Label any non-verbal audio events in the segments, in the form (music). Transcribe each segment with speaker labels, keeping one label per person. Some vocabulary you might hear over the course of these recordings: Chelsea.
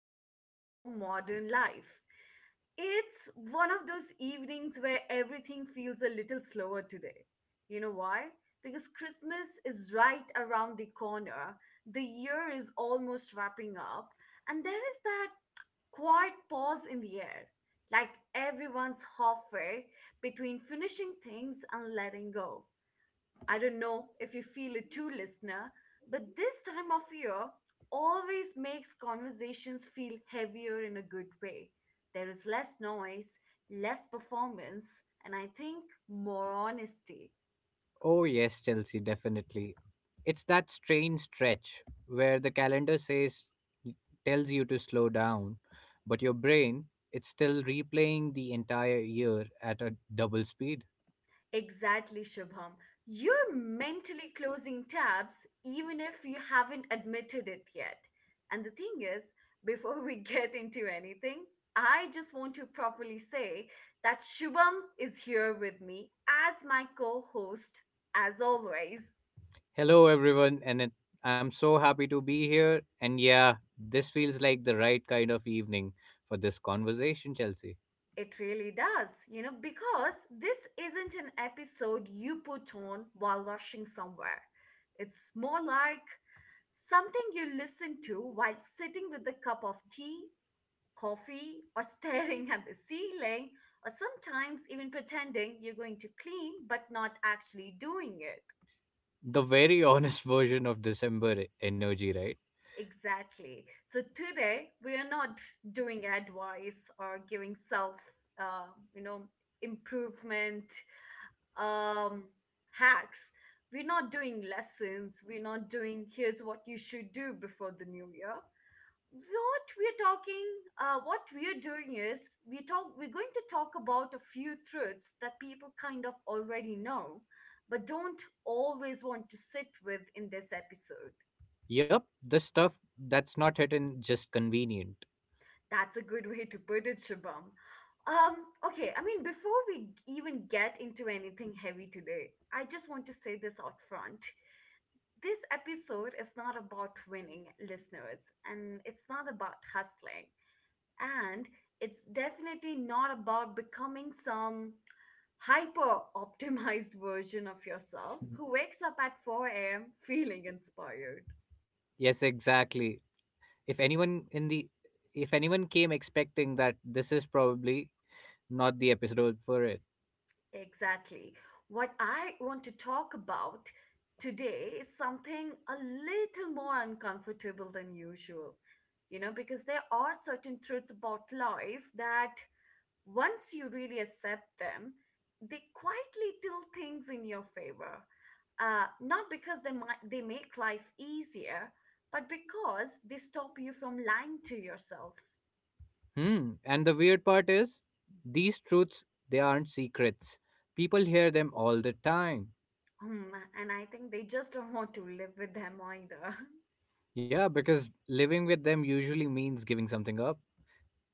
Speaker 1: to our show, Modern Life. It's one of those evenings where everything feels a little slower today. You know why? Because Christmas is right around the corner, the year is almost wrapping up, and there is that quiet pause in the air. Like everyone's halfway between finishing things and letting go. I don't know if you feel it too, listener, but this time of year always makes conversations feel heavier in a good way. There is less noise, less performance, and I think more honesty.
Speaker 2: Oh, yes, Chelsea, definitely. It's that strange stretch where the calendar tells you to slow down, but your brain, it's still replaying the entire year at a double speed.
Speaker 1: Exactly, Shubham. You're mentally closing tabs even if you haven't admitted it yet. And the thing is, before we (laughs) get into anything, I just want to properly say that Shubham is here with me as my co host, as always.
Speaker 2: Hello, everyone, I'm so happy to be here. And yeah, this feels like the right kind of evening for this conversation, Chelsea.
Speaker 1: It really does, you know, because this isn't an episode you put on while rushing somewhere. It's more like something you listen to while sitting with a cup of tea, coffee, or (laughs) staring at the ceiling, or sometimes even pretending you're going to clean but not actually doing it.
Speaker 2: The very honest (laughs) version of December energy, right?
Speaker 1: Exactly. So today we are not doing advice or giving self, uh, you know, improvement um, hacks. We're not doing lessons. We're not doing here's what you should do before the new year. What we're talking, what we're doing is We're going to talk about a few truths that people kind of already know, but don't always want to sit with in this episode.
Speaker 2: Yep, the stuff that's not hidden, just convenient.
Speaker 1: That's a good way to put it, Shabam. Um, okay, I mean, before we even get into anything heavy today, I just want to say this out front. This episode is not about winning listeners, and it's not about hustling, and it's definitely not about becoming some hyper optimized (laughs) version of yourself who wakes up at 4 a.m. feeling inspired.
Speaker 2: Yes, exactly. if anyone in the if anyone came expecting that, this is probably not the episode for it.
Speaker 1: Exactly. What I want to talk about today is something a little more uncomfortable than usual. You know, because there are certain truths about life that once you really accept them, they quietly tilt things in your favor. Not because they make life easier, but because they stop you from lying to yourself.
Speaker 2: And the weird part is, these truths, they aren't secrets, people hear them all the time.
Speaker 1: Hmm, and I think they just don't want to live with them either.
Speaker 2: Yeah, because living with them usually means giving something up: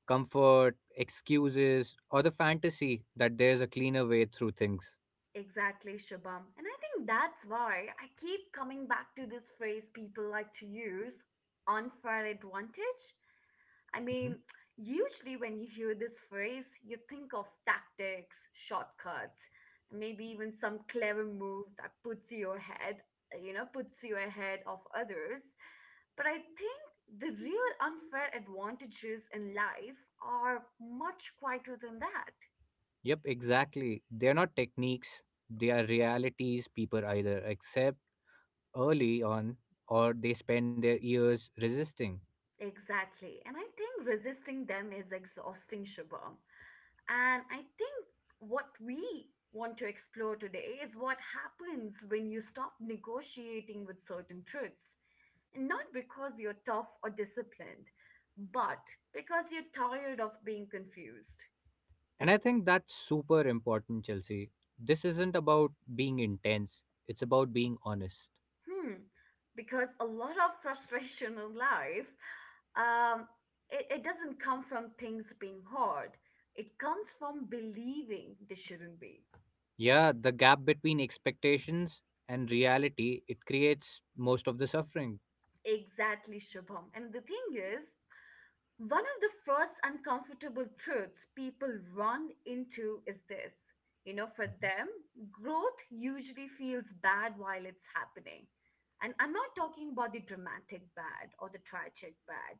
Speaker 2: comfort, excuses, or the fantasy that there's a cleaner way through things.
Speaker 1: (laughs) Exactly, Shabam. And I think that's why I keep coming back to this phrase people like to use, unfair advantage. I
Speaker 2: Mhm.
Speaker 1: mean, usually when you hear this phrase, you think of tactics, shortcuts, maybe even some clever move that puts you ahead, you know, puts you ahead of others. But I think the real unfair advantages in life are much quieter than that.
Speaker 2: Yep, exactly. They're not techniques, they are realities people either accept early on, or they spend their years resisting.
Speaker 1: Exactly. And I think resisting them is exhausting, Shubham. And I think what we want to explore today is what happens when you stop negotiating with certain truths. And not because you're tough or disciplined, but because you're tired of being confused.
Speaker 2: And I think that's super important, Chelsea. This isn't about being intense, it's about being honest.
Speaker 1: Hmm. Because a lot of (laughs) frustration in life, um, it doesn't come from things being hard. It comes from believing they shouldn't be.
Speaker 2: Yeah, the gap between expectations and reality, it creates most of the suffering.
Speaker 1: Exactly, Shubham. And the thing is, one of the first uncomfortable truths people run into is this. You know, for them, growth usually feels bad while it's happening. And I'm not talking about the dramatic bad or the tragic bad.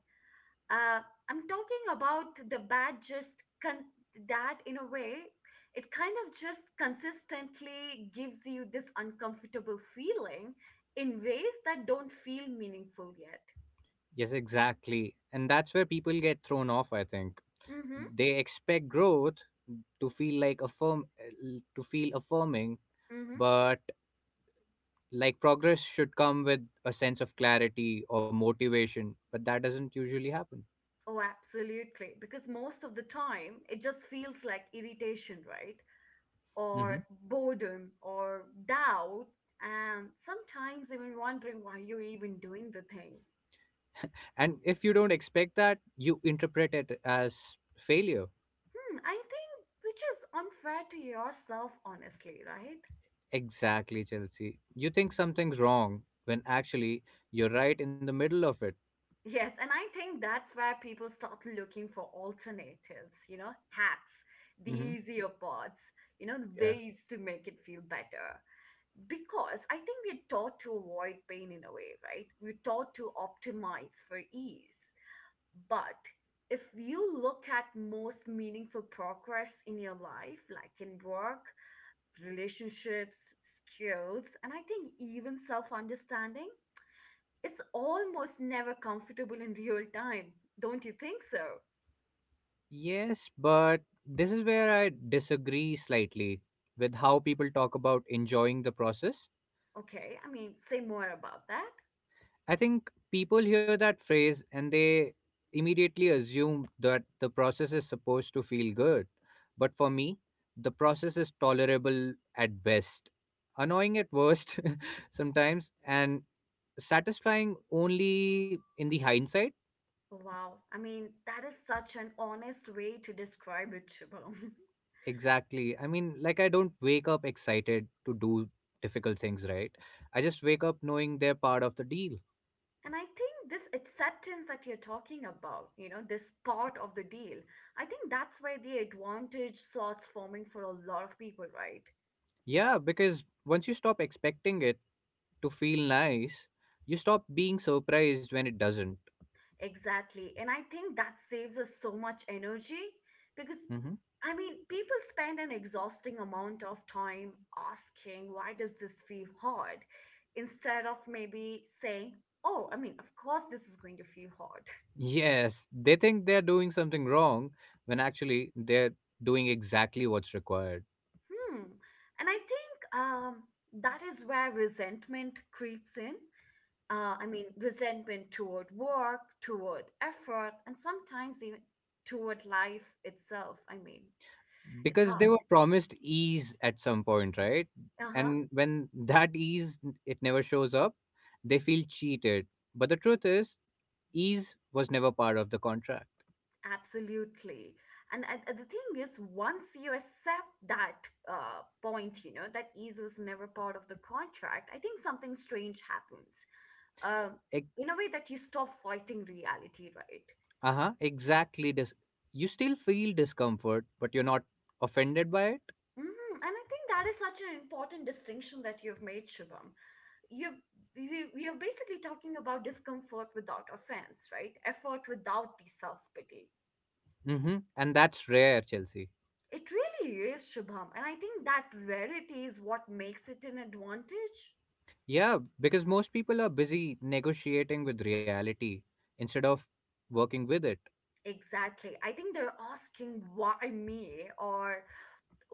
Speaker 1: Uh, I'm talking about the bad just con- that, in a way, it kind of just consistently gives you this uncomfortable feeling in ways that don't feel meaningful yet.
Speaker 2: Yes, exactly. And that's where people get thrown off, I think.
Speaker 1: Mm
Speaker 2: They expect growth to feel like affirm to feel affirming,
Speaker 1: hmm.
Speaker 2: but, like, progress should come with a sense of clarity or motivation, but that doesn't usually happen.
Speaker 1: Oh, absolutely. Because most of the time, it just feels like irritation, right?
Speaker 2: hmm
Speaker 1: Or boredom or doubt, and sometimes even wondering why you're even doing the thing.
Speaker 2: and if you don't expect that, you interpret it as failure.
Speaker 1: Hmm, I think which is unfair to yourself, honestly, right?
Speaker 2: Exactly, Chelsea. You think something's wrong when actually you're right in the middle of it.
Speaker 1: Yes, and I think that's where people start looking for alternatives, you know, hacks, the
Speaker 2: Hmm.
Speaker 1: easier parts, you know, the
Speaker 2: Yeah.
Speaker 1: ways to make it feel better. Because I think we're taught to avoid pain in a way, right? We're taught to optimize for ease. But if you look at most meaningful progress in your life, like in work, relationships, skills, and I think even self understanding, it's almost never comfortable in real time. Don't you think so?
Speaker 2: Yes, but this is where I disagree slightly with how people talk about enjoying the process.
Speaker 1: Okay, I mean, say more about that.
Speaker 2: I think people hear that phrase and they immediately assume that the process is supposed to feel good. But for me, the process is tolerable at best, annoying at worst (laughs) sometimes, and satisfying only in the hindsight.
Speaker 1: Wow, I mean, that is such an honest way to describe it, Shubham. (laughs)
Speaker 2: Exactly. I mean, like, I don't wake up excited to do difficult things, right? I just wake up knowing they're part of the deal.
Speaker 1: And I think this acceptance that you're talking about, you know, this part of the deal, I think that's where the advantage starts forming for a lot of people, right?
Speaker 2: Yeah, because once you stop expecting it to feel nice, you stop being surprised when it doesn't.
Speaker 1: Exactly. And I think that saves us so much energy because,
Speaker 2: Mhm.
Speaker 1: I mean, people spend an exhausting amount of time asking, why does this feel hard? Instead of maybe saying, oh, I mean, of course this is going to feel hard. (laughs)
Speaker 2: Yes, they think they're doing something wrong when actually they're doing exactly what's required,
Speaker 1: Hmm. And I think that is where resentment creeps in, I mean, resentment toward work, toward effort, and sometimes even toward life itself. I mean, it's
Speaker 2: because
Speaker 1: hard.
Speaker 2: they were promised ease at some point, right?
Speaker 1: Uh huh.
Speaker 2: And when (laughs) that ease, it never shows up, they feel cheated. But the truth is, ease was never part of the contract.
Speaker 1: Absolutely. And the thing is, once you accept that point, you know, that ease was never part of the contract, I think something strange happens. Um, in a way that you stop fighting reality, right?
Speaker 2: Uh huh, exactly. You still feel discomfort, but you're not offended by it.
Speaker 1: Hmm. And I think that is such an important distinction that you've made, Shubham. you you you're basically talking about discomfort without offense, right? Effort without the self-pity.
Speaker 2: Mm-hmm. And that's rare, Chelsea.
Speaker 1: It really is, Shubham, and I think that rarity is what makes it an advantage.
Speaker 2: Yeah, because most people are busy negotiating with reality instead of working with it.
Speaker 1: Exactly, I think they're asking, why me? Or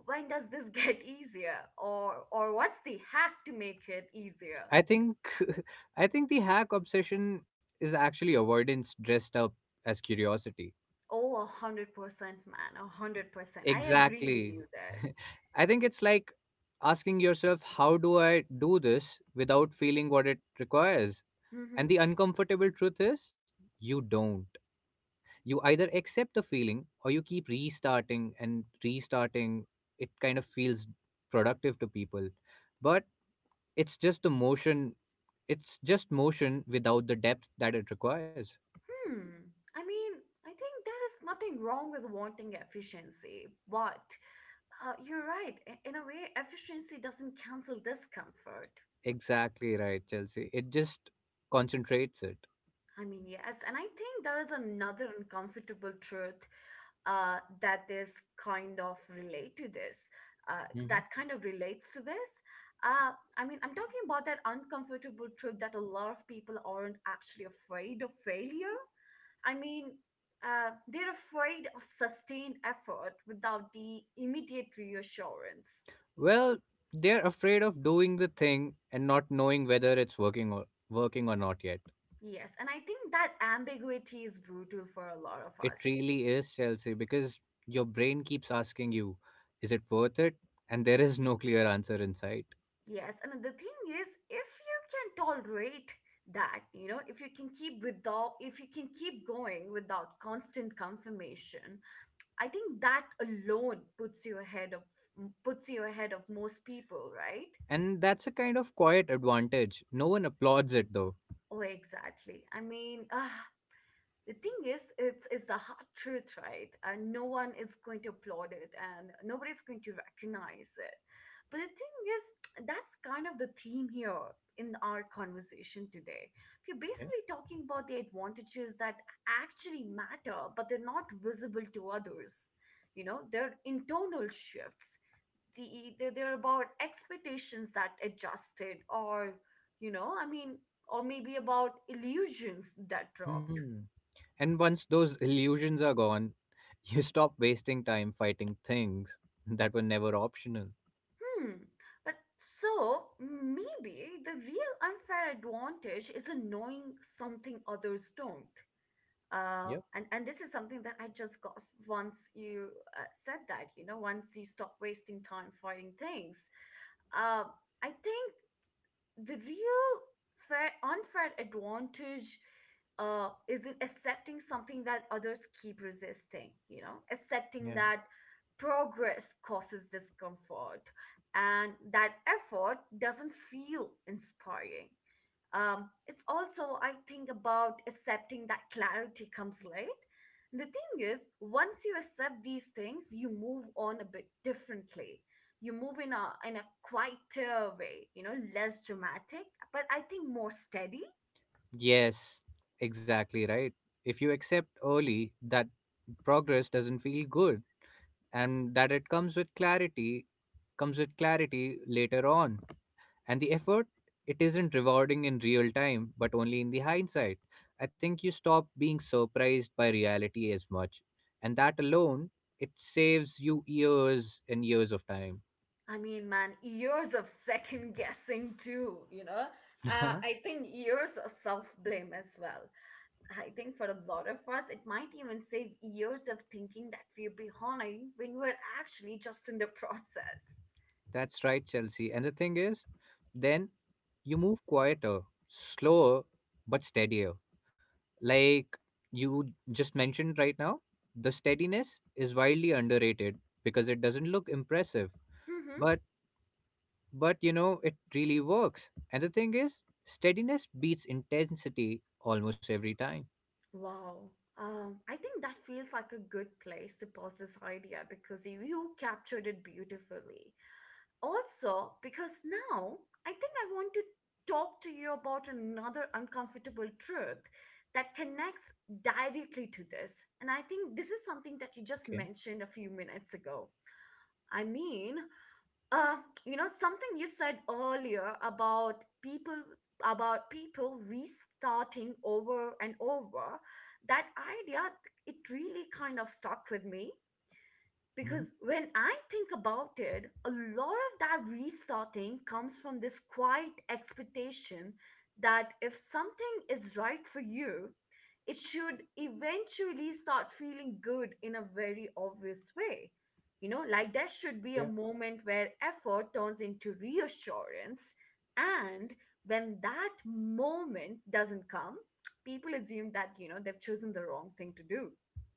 Speaker 1: when does this (laughs) get easier or what's the hack to make it easier?
Speaker 2: I think (laughs) I think the hack obsession is actually avoidance dressed up as curiosity.
Speaker 1: Oh, 100%, man. 100%, I agree with
Speaker 2: Exactly.
Speaker 1: you there.
Speaker 2: (laughs) I think it's like asking yourself, how do I do this without feeling what it requires?
Speaker 1: Mm-hmm.
Speaker 2: And the uncomfortable truth is, you don't. You either accept the feeling, or you keep restarting and restarting. It kind of feels productive to people, but it's just the motion, it's just motion without the depth that it requires.
Speaker 1: Hmm. I mean, I think there is nothing wrong with wanting efficiency, but you're right. In a way, efficiency doesn't cancel discomfort.
Speaker 2: Exactly right, Chelsea. It just concentrates it.
Speaker 1: I mean, yes. And I think there is another uncomfortable truth that is kind of relate to this, that
Speaker 2: hmm
Speaker 1: kind of relates to this. Uh, I mean, I'm talking about that uncomfortable truth that a lot of people aren't actually afraid of failure. I mean, they're afraid of sustained effort without the immediate reassurance.
Speaker 2: well, they're afraid of doing the thing and not knowing whether it's working or not yet.
Speaker 1: Yes, and I think that ambiguity is brutal for a lot of
Speaker 2: It
Speaker 1: us.
Speaker 2: really is, Chelsea. Because your brain keeps asking you, is it worth it? And there is no clear answer inside.
Speaker 1: Yes, and the thing is, if you can tolerate that, you know, if you can keep going without constant confirmation, I think that alone puts you ahead of most people, right?
Speaker 2: And that's a kind of quiet advantage. No one applauds it, though.
Speaker 1: Oh, exactly. I mean, the thing is, it's the hard truth, right? And no one is going to applaud it, and nobody's going to recognize it. But the thing is, that's kind of the theme here in our conversation today. We're
Speaker 2: Yeah.
Speaker 1: basically talking about the advantages that actually matter, but they're not visible to others. You know, they're internal shifts. They're about expectations that adjusted, or you know, I mean, or maybe about illusions that dropped.
Speaker 2: Hmm. And once those illusions are gone, (laughs) you stop wasting time fighting things that were never optional.
Speaker 1: Hmm. But so maybe the real unfair advantage is in knowing something others don't.
Speaker 2: Yep.
Speaker 1: And this is something that I just got once you said that, you know, once you stop wasting time fighting things. Uh, I think the real fair unfair advantage is in accepting something that others keep resisting, you know, accepting
Speaker 2: Yeah.
Speaker 1: that progress causes discomfort and that effort doesn't feel inspiring. It's also, I think, about accepting that clarity comes late. The thing is, once you accept these things, you move on a bit differently. You move in a quieter way, you know, less dramatic, but I think more steady.
Speaker 2: Yes, exactly right. If you accept early that progress doesn't feel good, and that it comes with clarity later on, and the effort, it isn't rewarding in real time but only in the hindsight, I think you stop being surprised by reality as much. And that alone, it saves you years and years of time.
Speaker 1: I mean, man, years of second guessing too, you know. I
Speaker 2: (laughs)
Speaker 1: think years of self blame as well. I think for a lot of us it might even save years of thinking that we're behind when we're actually just in the process.
Speaker 2: That's right, Chelsea. And the thing is, then you move quieter, slower, but steadier. Like you just mentioned right now, the steadiness is widely underrated because it doesn't look impressive,
Speaker 1: Mm-hmm.
Speaker 2: but but you know, it really works. And the thing is, steadiness beats intensity almost every time.
Speaker 1: Wow. I think that feels like a good place to pause this idea because you captured it beautifully. Also, because now I think I want to talk to you about another uncomfortable truth that connects directly to this. And I think this is something that you just
Speaker 2: Okay.
Speaker 1: mentioned a few minutes ago. I mean, uh, you know, something you said earlier about people restarting over and over, that idea, it really kind of stuck with me
Speaker 2: Mhm.
Speaker 1: because when I think about it, a lot of that restarting comes from this quiet expectation that if something is right for you, it should eventually start feeling good in a very obvious way. You know, like there should be a
Speaker 2: Yeah,
Speaker 1: moment where effort turns into reassurance. And when that moment doesn't come, people assume that, you know, they've chosen the wrong thing to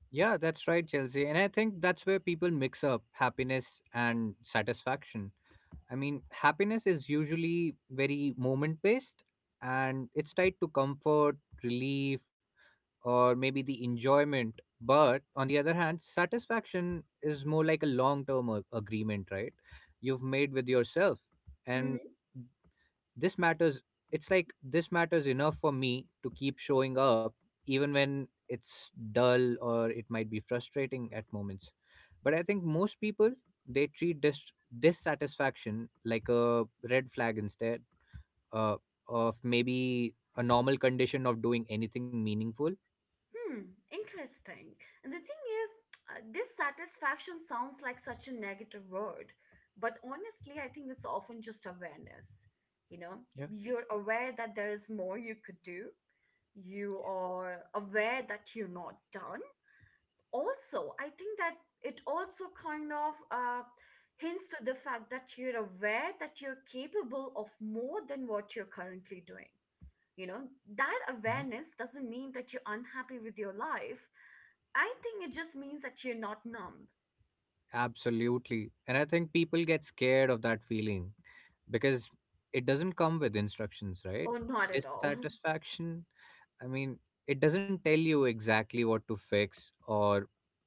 Speaker 2: yeah. That's right, Chelsea. And I think that's where people mix up happiness and satisfaction. I mean, happiness is usually very moment based, and it's tied to comfort, relief, or maybe the enjoyment. But on the other hand, satisfaction is more like a long term agreement, right? You've made with yourself.
Speaker 1: do.
Speaker 2: And this matters, it's like, this matters enough for me to keep showing up, even when it's dull, or it might be frustrating at moments. But I think most people, they treat dissatisfaction like a red flag instead, uh, of maybe a normal condition of doing anything meaningful.
Speaker 1: Hmm, interesting. And the thing is, dissatisfaction sounds like such a negative word, but honestly, I think it's often just awareness. You know,
Speaker 2: Yeah.
Speaker 1: you're aware that there is more you could do, you are aware that you're not done. Also, I think that it also kind of hints to the fact that you're aware that you're capable of more than what you're currently doing. You know, that
Speaker 2: Mhm.
Speaker 1: awareness doesn't mean that you're unhappy with your life. I think it just means that you're not numb
Speaker 2: Absolutely. And I think people get scared of that feeling, because it doesn't come with instructions, right?
Speaker 1: or not at all. (laughs)
Speaker 2: Dissatisfaction, I mean, it doesn't tell you exactly what to fix or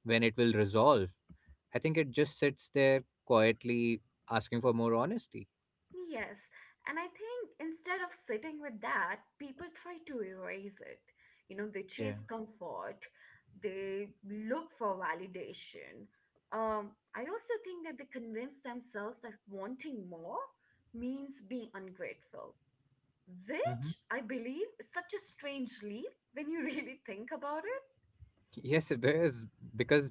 Speaker 2: when it will resolve. I think it just sits there quietly, asking for more honesty.
Speaker 1: Yes, and I think instead of sitting with that, people try to erase it. You know, they
Speaker 2: Yeah.
Speaker 1: chase comfort, they look for validation. I also think that they convince themselves that wanting more means being ungrateful, which
Speaker 2: Hmm.
Speaker 1: I believe is such a strange leap when you (laughs) really think about.
Speaker 2: Yes, it is, because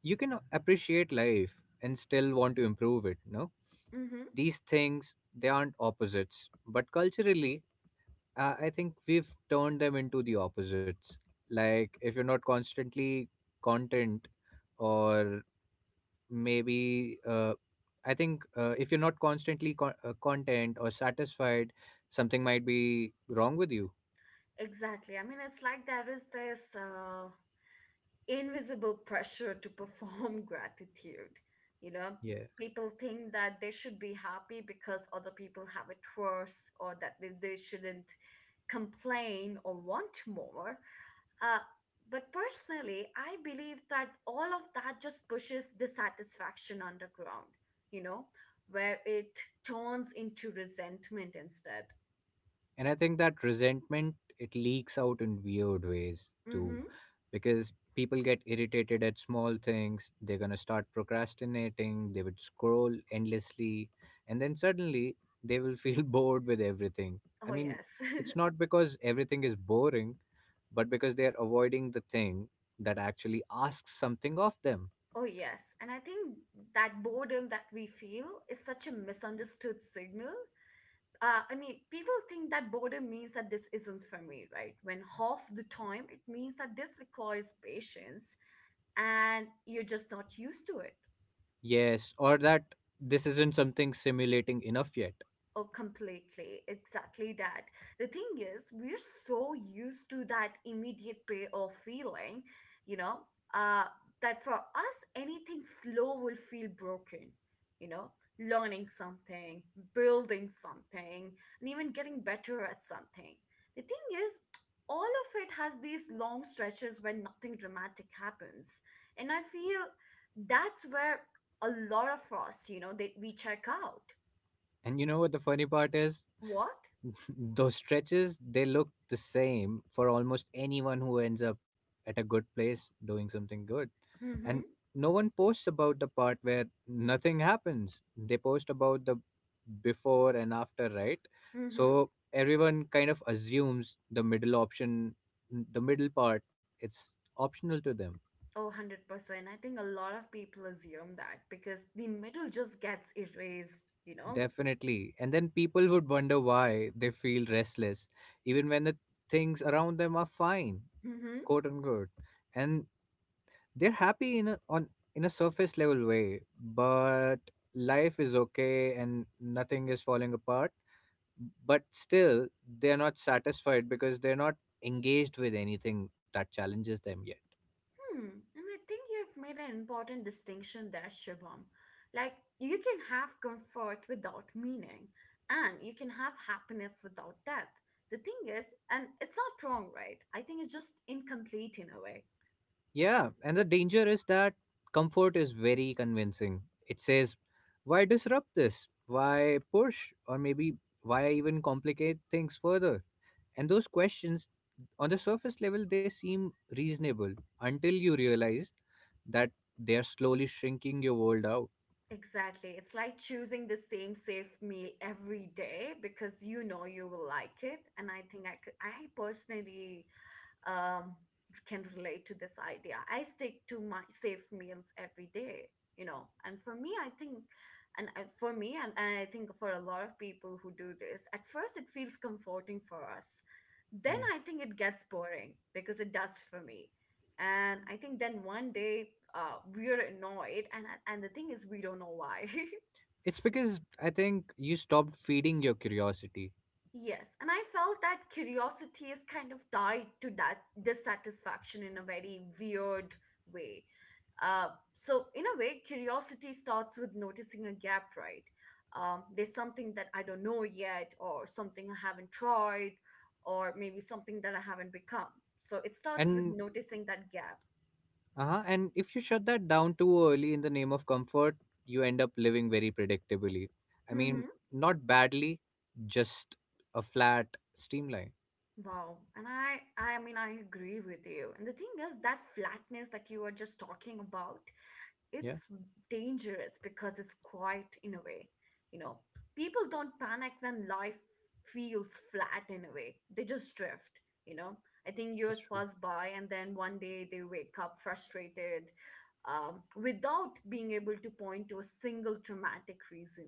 Speaker 2: you can appreciate life and still want to improve it. No,
Speaker 1: Mm-hmm.
Speaker 2: these things, they aren't opposites, but culturally, I think we've turned them into the opposites. Like, if you're not constantly content, or maybe I think, if you're not constantly content or satisfied, something might be wrong with you.
Speaker 1: Exactly. I mean, it's like there is this invisible pressure to perform (laughs) gratitude. You know,
Speaker 2: Yeah,
Speaker 1: people think that they should be happy because other people have it worse or that they shouldn't complain or want more. Uh, but personally, I believe that all of that just pushes dissatisfaction underground, you know, where it turns into resentment instead.
Speaker 2: and I think that resentment, it leaks out in weird ways too,
Speaker 1: Mm-hmm.
Speaker 2: because people get irritated at small things, they're going to start procrastinating, they would scroll endlessly, and then suddenly they will feel (laughs) bored with everything. I
Speaker 1: Oh,
Speaker 2: mean,
Speaker 1: yes.
Speaker 2: it's
Speaker 1: (laughs)
Speaker 2: not because everything is boring, but because they're avoiding the thing that actually asks something of them.
Speaker 1: Oh, yes. And I think that boredom that we feel is such a misunderstood signal. I mean, people think that boredom means that this isn't for me, right? When half the time it means that this requires patience and you're just not used to it.
Speaker 2: Yes, or that this isn't something simulating enough yet.
Speaker 1: Oh, completely. Exactly that. The thing is, we're so used to that immediate payoff feeling, you know, uh, that for us, anything slow will feel broken, you know, learning something, building something, and even getting better at something. The thing is, all of it has these long stretches when nothing dramatic happens. And I feel that's where a lot of us, you know, we check out.
Speaker 2: And you know what the funny part is?
Speaker 1: What?
Speaker 2: (laughs) Those stretches, they look the same for almost anyone who ends up at a good place doing something good.
Speaker 1: Mm-hmm.
Speaker 2: And no one posts about the part where nothing happens. They post about the before and after, right?
Speaker 1: Mm-hmm.
Speaker 2: So everyone kind of assumes the middle option, the middle part, it's optional to them.
Speaker 1: Oh, 100%. I think a lot of people assume that because the middle just gets erased, you know?
Speaker 2: Definitely. And then people would wonder why they feel restless, even when the things around them are fine,
Speaker 1: Mm-hmm.
Speaker 2: quote unquote, and they're happy in a surface level way, but life is okay and nothing is falling apart, but still they're not satisfied because they're not engaged with anything that challenges them yet.
Speaker 1: Hmm. And I think you've made an important distinction there, Shubham. Like, you can have comfort without meaning, and you can have happiness without death. The thing is, and it's not wrong, right? I think it's just incomplete in a way.
Speaker 2: Yeah, and the danger is that comfort is very convincing. It says, why disrupt this, why push, or maybe why even complicate things further? And those questions, on the surface level, they seem reasonable, until you realize that they're slowly shrinking your world out.
Speaker 1: Exactly. It's like choosing the same safe meal every day because you know you will like it. And I think I personally um, can relate to this idea. I stick to my safe meals every day, you know. And for me, I think, and I think for a lot of people who do this, at first it feels comforting for us. Then
Speaker 2: Yeah.
Speaker 1: I think it gets boring because it does for me. And I think then one day we're annoyed, and the thing is, we don't know why. (laughs)
Speaker 2: It's because, I think, you stopped feeding your curiosity.
Speaker 1: Yes, and I felt that curiosity is kind of tied to that dissatisfaction in a very weird way. Uh, so, in a way, curiosity starts with noticing a gap, right? There's something that I don't know yet, or something I haven't tried, or maybe something that I haven't become. So, it starts with
Speaker 2: And,
Speaker 1: noticing that gap.
Speaker 2: uh-huh, and if you shut that down too early in the name of comfort, you end up living very predictably. I mean,
Speaker 1: Mm-hmm.
Speaker 2: not badly, just a flat streamline.
Speaker 1: Wow. And I mean, I agree with you. And the thing is, that flatness that you were just talking about,
Speaker 2: Yeah,
Speaker 1: it's dangerous because it's quiet in a way, you know. People don't panic when life feels flat in a way, they just drift. You know, I think
Speaker 2: it's
Speaker 1: years
Speaker 2: true.
Speaker 1: pass by and then one day they wake up frustrated, without being able to point to a single traumatic reason.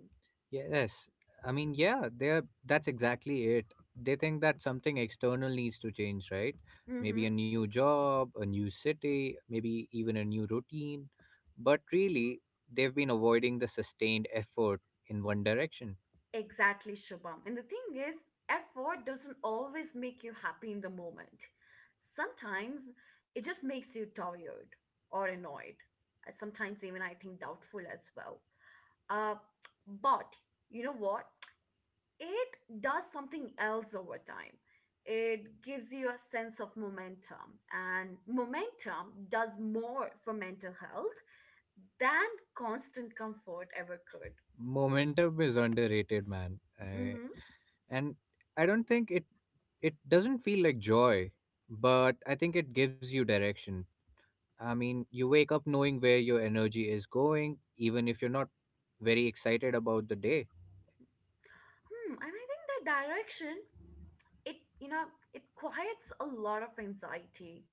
Speaker 2: Yes. I mean, yeah, they're that's exactly it. They think that something external needs to change, right? Maybe a
Speaker 1: Mm-hmm.
Speaker 2: new job, a new city, maybe even a new routine. But really, they've been avoiding the sustained effort in one direction.
Speaker 1: Exactly, Shubham. And the thing is, effort doesn't always make you happy in the moment. Sometimes it just makes you tired or annoyed. Sometimes even I think doubtful as well. Uh, but you know what? It does something else over time. It gives you a sense of momentum, and momentum does more for mental health than constant comfort ever could.
Speaker 2: Momentum is underrated, man. I,
Speaker 1: Mm-hmm.
Speaker 2: and I don't think it, it doesn't feel like joy, but I think it gives you direction. I mean, you wake up knowing where your energy is going, even if you're not very excited about the day.
Speaker 1: Hmm, and I think the direction, it, you know, it quiets a lot of anxiety.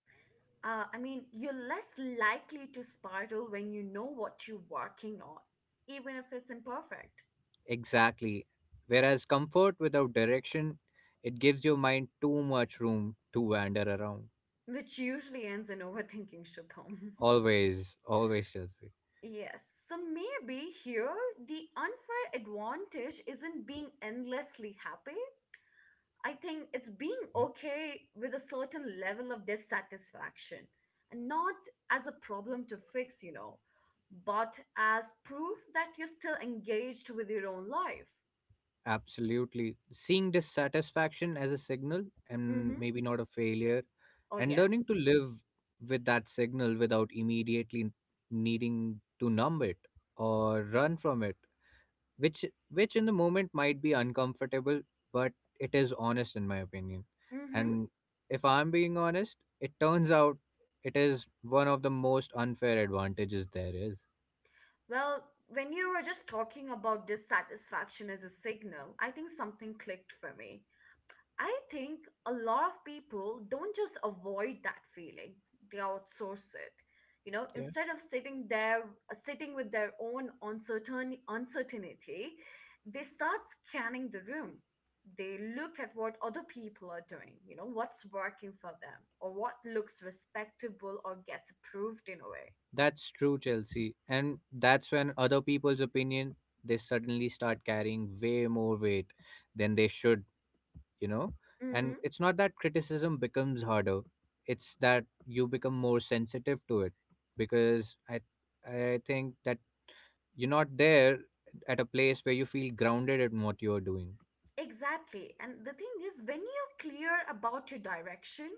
Speaker 1: I mean, you're less likely to spiral when you know what you're working on, even if it's imperfect,
Speaker 2: Exactly. Whereas comfort without direction, it gives your mind too much room to wander around.
Speaker 1: which usually ends in overthinking, Shubham.
Speaker 2: Always, always, Chelsea.
Speaker 1: (laughs) Yes. So maybe here the unfair advantage isn't being endlessly happy. I think it's being
Speaker 2: Yeah.
Speaker 1: okay with a certain level of dissatisfaction, and not as a problem to fix, you know, but as proof that you're still engaged with your own life.
Speaker 2: Absolutely. Seeing dissatisfaction as a signal and
Speaker 1: Mm-hmm.
Speaker 2: maybe not a failure,
Speaker 1: Oh,
Speaker 2: and learning
Speaker 1: yes.
Speaker 2: to live with that signal without immediately needing to numb it or run from it, which which in the moment might be uncomfortable, but it is honest in my opinion.
Speaker 1: Mm-hmm.
Speaker 2: And if I'm being honest, it turns out, it is one of the most unfair advantages there is.
Speaker 1: Well, when you were just talking about dissatisfaction as a signal, I think something clicked for me. I think a lot of people don't just avoid that feeling, they outsource it. You know,
Speaker 2: Yeah.
Speaker 1: instead of sitting there, sitting with their own uncertainty, they start scanning the room. They look at what other people are doing, you know, what's working for them or what looks respectable or gets approved in a way.
Speaker 2: That's true, Chelsea. And that's when other people's opinion, they suddenly start carrying way more weight than they should, you know. And
Speaker 1: Mm-hmm.
Speaker 2: it's not that criticism becomes harder, it's that you become more sensitive to it, because i I think that you're not there at a place where you feel grounded in what you're doing.
Speaker 1: Exactly. And the thing is, when you're clear about your direction,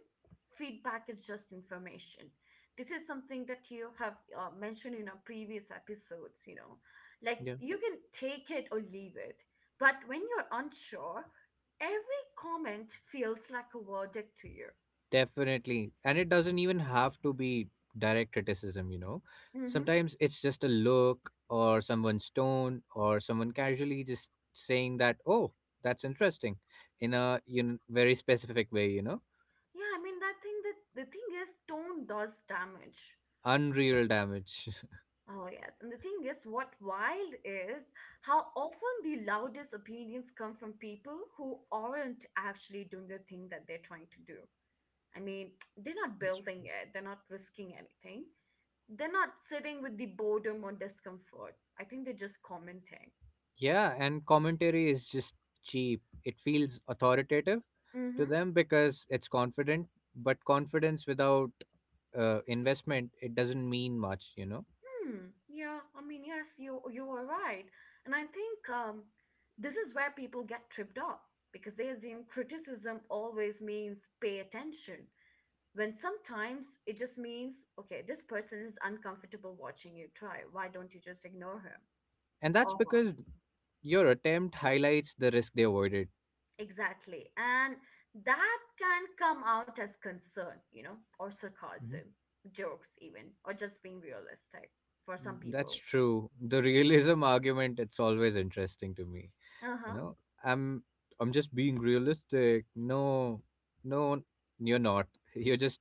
Speaker 1: feedback is just information. This is something that you have mentioned in our previous episodes, you know. Like
Speaker 2: Yeah,
Speaker 1: you can take it or leave it. But when you're unsure, every comment feels like a verdict to you.
Speaker 2: definitely. And it doesn't even have to be direct criticism,
Speaker 1: Hmm.
Speaker 2: sometimes it's just a look or someone's tone, or someone casually just saying that, oh, that's interesting in a, very specific way.
Speaker 1: Yeah, I mean, that thing that the thing is, tone does damage.
Speaker 2: Unreal damage.
Speaker 1: Oh, yes. And the thing is, what wild is how often the loudest opinions come from people who aren't actually doing the thing that they're trying to do. I mean, they're not building it, they're not risking anything, they're not sitting with the boredom or discomfort. I think they're just commenting.
Speaker 2: (laughs) Yeah, and commentary is just cheap, it feels authoritative to
Speaker 1: Mm-hmm.
Speaker 2: them because it's confident. But confidence without investment, it doesn't mean much.
Speaker 1: Hmm. Yeah, I mean, yes, you are right. And I think this is where people get tripped up because they assume criticism always means pay attention. When sometimes it just means, okay, this person is uncomfortable watching you try. Why don't you just ignore him
Speaker 2: And that's
Speaker 1: or her?
Speaker 2: because your attempt highlights the risk they avoided.
Speaker 1: Exactly. And that can come out as concern, you know, or
Speaker 2: Mhm.
Speaker 1: sarcasm, jokes, even, or just being realistic for some
Speaker 2: That's
Speaker 1: people.
Speaker 2: true. The realism (laughs) argument, it's always interesting to me. You
Speaker 1: Uh-huh. (laughs)
Speaker 2: know, I'm I'm just being realistic. No, no, you're not. (laughs) You're just,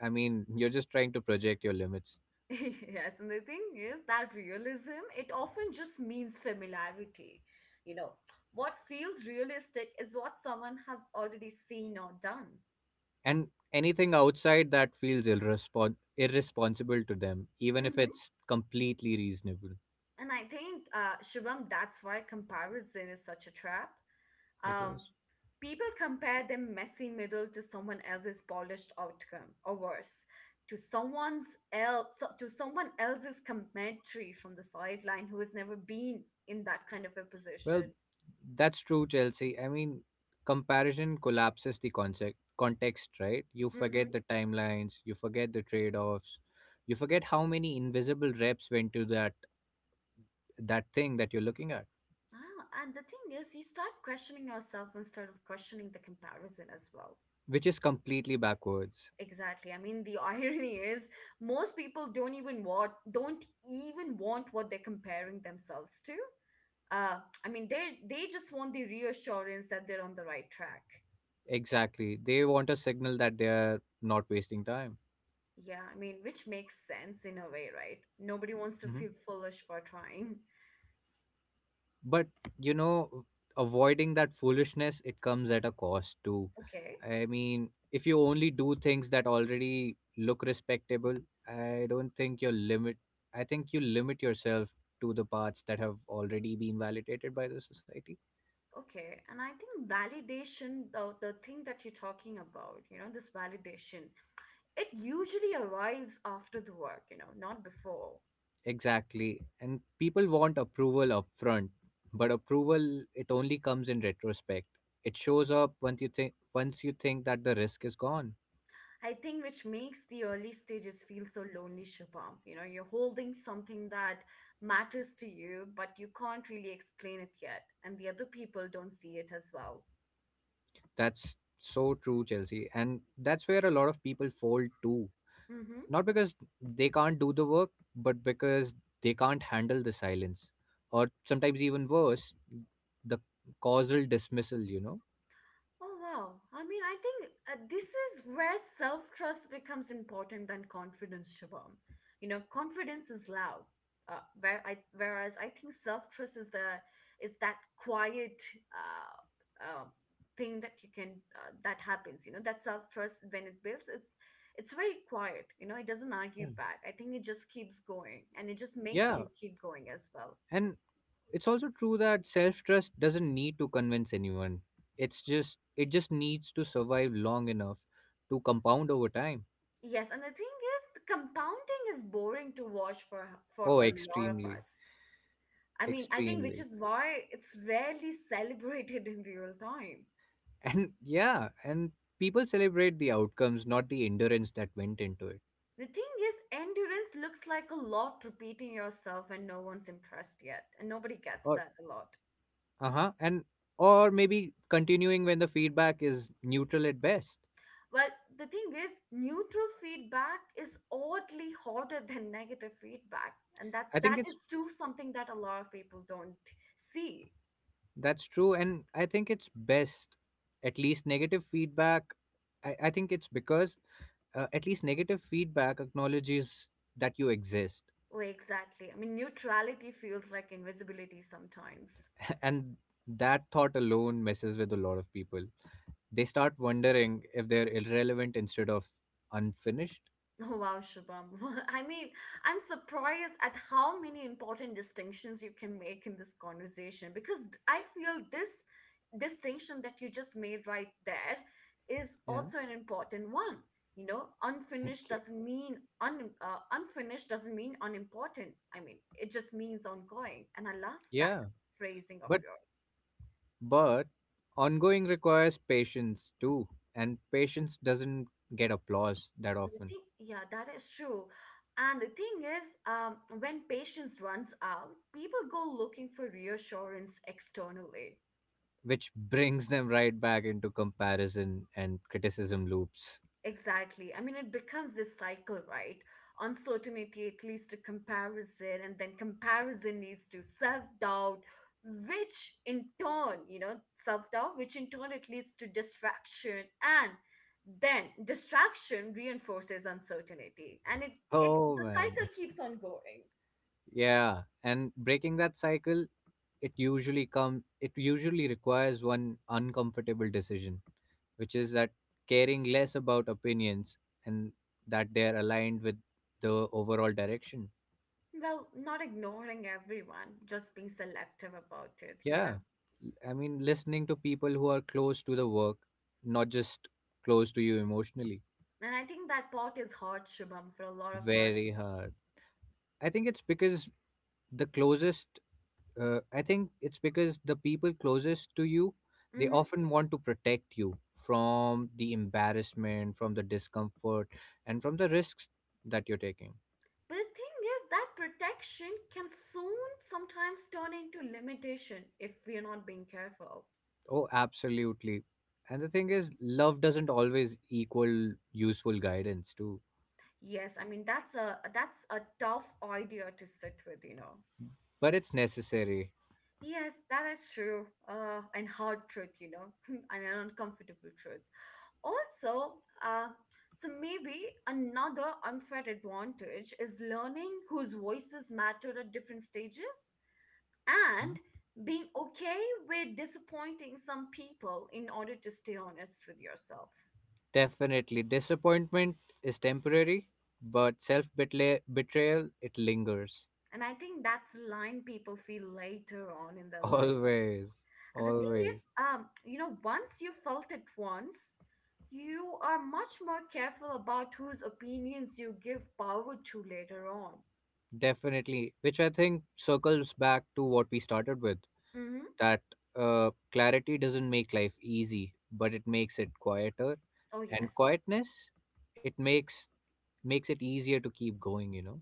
Speaker 2: I mean, you're just trying to project your limits.
Speaker 1: Yes, and the thing is that realism, it often just means familiarity. You know, what feels realistic is what someone has already seen or done.
Speaker 2: And anything outside that feels irresponsible to them, even if it's completely reasonable.
Speaker 1: And I think, Shubham, that's why comparison is such a trap.
Speaker 2: It
Speaker 1: Um,
Speaker 2: is.
Speaker 1: People compare their messy middle to someone else's polished outcome, or worse, to someone else's commentary from the sideline who has never been in that kind of a
Speaker 2: Well,
Speaker 1: position.
Speaker 2: that's true, Chelsea. I mean, comparison collapses the concept context, right? You
Speaker 1: Mm-hmm.
Speaker 2: forget the timelines, you forget the trade-offs, you forget how many invisible reps went to that thing that you're looking at,
Speaker 1: Ah, and the thing is, you start questioning yourself instead of questioning the comparison as well.
Speaker 2: which is completely backwards.
Speaker 1: Exactly. I mean, the (laughs) irony is most people don't even want what they're comparing themselves to. I mean, they just want the reassurance that they're on the right track.
Speaker 2: Exactly. They want a signal that they're not wasting time.
Speaker 1: Yeah, I mean, which makes sense in a way, right? Nobody wants to
Speaker 2: Mm-hmm.
Speaker 1: feel foolish for trying.
Speaker 2: But you know avoiding that foolishness, it comes at a cost too.
Speaker 1: Okay.
Speaker 2: I mean, if you only do things that already look respectable, I don't think you limit I think you limit yourself to the parts that have already been validated by the society.
Speaker 1: Okay. And I think validation, the thing that you're talking about, you know, this validation, it usually arrives after the work, you know, not before.
Speaker 2: Exactly, and people want approval up front, but approval, it only comes in retrospect. It shows up once you think that the risk is gone.
Speaker 1: I think which makes the early stages feel so lonely, Shubham. You know, you're holding something that matters to you, but you can't really explain it yet, and the other people don't see it as well.
Speaker 2: That's so true, Chelsea. And that's where a lot of people fold too.
Speaker 1: Mm-hmm.
Speaker 2: Not because they can't do the work, but because they can't handle the silence. Or sometimes even worse, the causal dismissal, you know?
Speaker 1: Oh, wow. I mean, I think this is where self trust becomes important than confidence, Shabam. You know, confidence is loud. Whereas I think self trust is the is that quiet uh, uh, thing that you can that happens. You know, that self trust when it builds, it's very quiet. You know, it doesn't
Speaker 2: Yeah.
Speaker 1: argue back. I think it just keeps going, and it just makes
Speaker 2: Yeah.
Speaker 1: you keep going as well.
Speaker 2: And it's also true that self trust doesn't need to convince anyone. It just needs to survive long enough to compound over time.
Speaker 1: Yes, and the thing is, the compounding is boring to watch for
Speaker 2: Oh,
Speaker 1: a lot of
Speaker 2: extremely.
Speaker 1: us. I mean, I think which
Speaker 2: Extremely.
Speaker 1: is why it's rarely celebrated (laughs) in real time.
Speaker 2: And yeah, and people celebrate the outcomes, not the endurance that went into it.
Speaker 1: The thing is, endurance looks like a lot repeating yourself and no one's impressed yet, and nobody gets
Speaker 2: Or
Speaker 1: that a lot.
Speaker 2: Uh-huh, and or maybe continuing when the feedback is neutral at best.
Speaker 1: Well, the thing is, neutral feedback is oddly harder (laughs) than negative feedback, and that's
Speaker 2: I think
Speaker 1: that
Speaker 2: it's
Speaker 1: is too something that a lot of people don't see.
Speaker 2: That's true, and I think it's best, at least negative feedback. I think it's because at least negative feedback acknowledges that you exist,
Speaker 1: Oh, exactly. I mean, neutrality feels like invisibility sometimes.
Speaker 2: (laughs) and that thought alone messes with a lot of people. They start wondering if they're irrelevant instead of unfinished.
Speaker 1: Oh, wow, Shubham. (laughs) I mean, I'm surprised at how many important distinctions you can make in this conversation because I feel this distinction that you just made right there is
Speaker 2: Yeah,
Speaker 1: also an important one. You know,
Speaker 2: thank you.
Speaker 1: unfinished doesn't mean unimportant. I mean, it just means ongoing, and I love that
Speaker 2: Yeah,
Speaker 1: phrasing of
Speaker 2: but
Speaker 1: yours.
Speaker 2: but ongoing requires patience too, and patience doesn't get applause that often,
Speaker 1: Yeah, that is true. And the thing is, when patience runs out, people go looking for reassurance externally.
Speaker 2: which brings them right back into comparison and criticism loops.
Speaker 1: Exactly. I mean, it becomes this cycle, right? Uncertainty, at least a comparison, and then comparison leads to self doubt, which in turn, you know, self doubt, which in turn it leads to distraction, and then distraction reinforces uncertainty, and it
Speaker 2: Oh
Speaker 1: the
Speaker 2: man.
Speaker 1: cycle keeps on going.
Speaker 2: Yeah, and breaking that cycle, it usually requires one uncomfortable decision, which is that caring less about opinions and that they're aligned with the overall direction.
Speaker 1: Well, not ignoring everyone, just being selective about it,
Speaker 2: Yeah.
Speaker 1: yeah.
Speaker 2: I mean, listening to people who are close to the work, not just close to you emotionally,
Speaker 1: And I think that part is hard, Shubham, for a lot of
Speaker 2: very
Speaker 1: us.
Speaker 2: hard. I think it's because the closest, the people closest to you, they
Speaker 1: Hmm.
Speaker 2: often want to protect you from the embarrassment, from the discomfort, and from the risks that you're taking.
Speaker 1: But the thing is, that protection can soon sometimes turn into limitation if we're not being careful.
Speaker 2: Oh, absolutely. And the thing is, love doesn't always equal useful guidance, too,
Speaker 1: Yes, I mean that's a tough idea to sit with, you know.
Speaker 2: but it's necessary.
Speaker 1: Yes, that is true. And hard truth, you know, (laughs) and an uncomfortable truth. Also, uh, so maybe another unfair advantage is learning whose voices matter at different stages, and being okay with disappointing some people in order to stay honest with yourself.
Speaker 2: Definitely. Disappointment is temporary, but self betrayal, it lingers.
Speaker 1: And I think that's a line people feel later on in
Speaker 2: (laughs)
Speaker 1: their lives.
Speaker 2: Always.
Speaker 1: And the thing is,
Speaker 2: Always.
Speaker 1: you know, once you felt it once, you are much more careful about whose opinions you give power to later on.
Speaker 2: Definitely. Which I think circles back to what we started with,
Speaker 1: Hmm.
Speaker 2: that clarity doesn't make life easy, but it makes it quieter.
Speaker 1: Oh,
Speaker 2: And
Speaker 1: yes.
Speaker 2: quietness, it makes it easier to keep going, you know?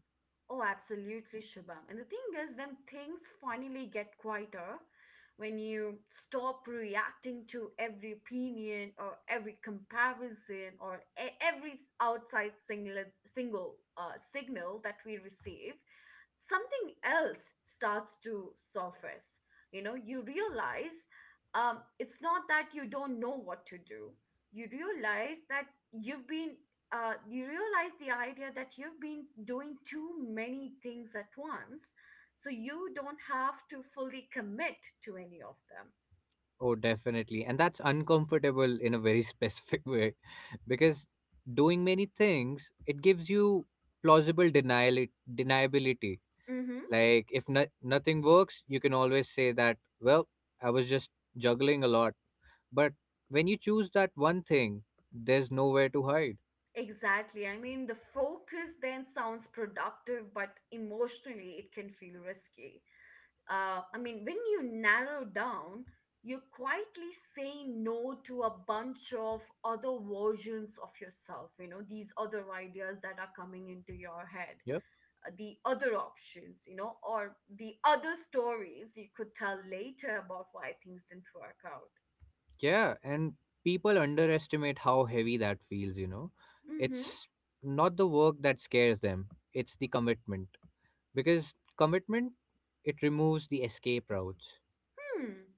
Speaker 1: Oh, absolutely, Shubham. And the thing is, when things finally get quieter, when you stop reacting to every opinion or every comparison or every outside single signal that we receive, something else starts to surface. You know, you realize, it's not that you don't know what to do. You realize that you've been you realize the idea that you've been doing too many things at once, so you don't have to fully commit to any of them.
Speaker 2: Oh, definitely. And that's uncomfortable in a very specific (laughs) way, because doing many things, it gives you plausible denial deniability.
Speaker 1: Mm-hmm.
Speaker 2: Like if nothing works, you can always say that, well, I was just juggling a lot. But when you choose that one thing, there's nowhere to hide.
Speaker 1: Exactly. I mean, the focus then sounds productive, but emotionally it can feel risky. I mean, when you narrow down, you quietly say no to a bunch of other versions of yourself, you know, these other ideas that are coming into your head.
Speaker 2: Yeah.
Speaker 1: The other options, you know, or the other stories you could tell later about why things didn't work out.
Speaker 2: Yeah, and people underestimate how heavy that feels, you know.
Speaker 1: Mm-hmm.
Speaker 2: It's not the work that scares them, it's the commitment. Because commitment, it removes the escape routes.
Speaker 1: Hmm.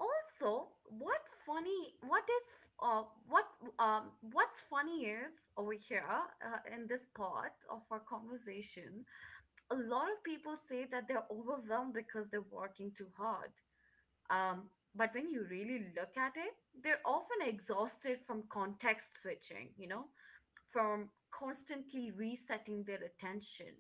Speaker 1: Also, funny? What is uh what what's funny is over here, in this part of our conversation, a lot of people say that they're overwhelmed because they're working too hard. But when you really look at it, they're often exhausted from context switching. You know, from constantly resetting their attention,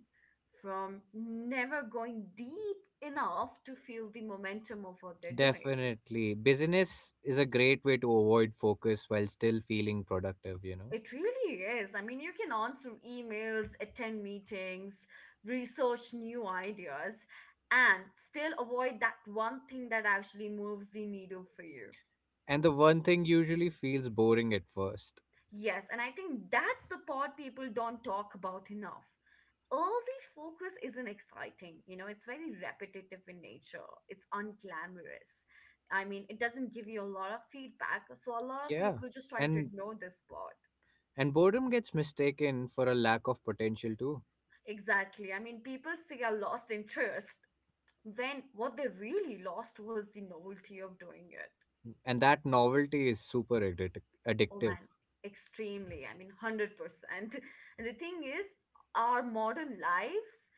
Speaker 1: from never going deep enough to feel the momentum of what they're doing.
Speaker 2: Definitely. Business is a great way to avoid focus while still feeling productive, you know.
Speaker 1: It really is. I mean, you can answer emails, attend meetings, research new ideas, and still avoid that one thing that actually moves the needle for you.
Speaker 2: And the one thing usually feels boring at first.
Speaker 1: Yes, and I think that's the part people don't talk about enough. Early focus isn't exciting, you know, it's very repetitive in nature, it's unglamorous. I mean, it doesn't give you a lot of feedback, so a lot of
Speaker 2: Yeah.
Speaker 1: people just try to
Speaker 2: And
Speaker 1: ignore this part.
Speaker 2: and boredom gets mistaken for a lack of potential too.
Speaker 1: Exactly. I mean, people say I lost interest when what they really lost was the novelty of doing it.
Speaker 2: And that novelty is super
Speaker 1: Oh
Speaker 2: addictive.
Speaker 1: man, extremely. I mean, 100%. (laughs) And the thing is, our modern lives,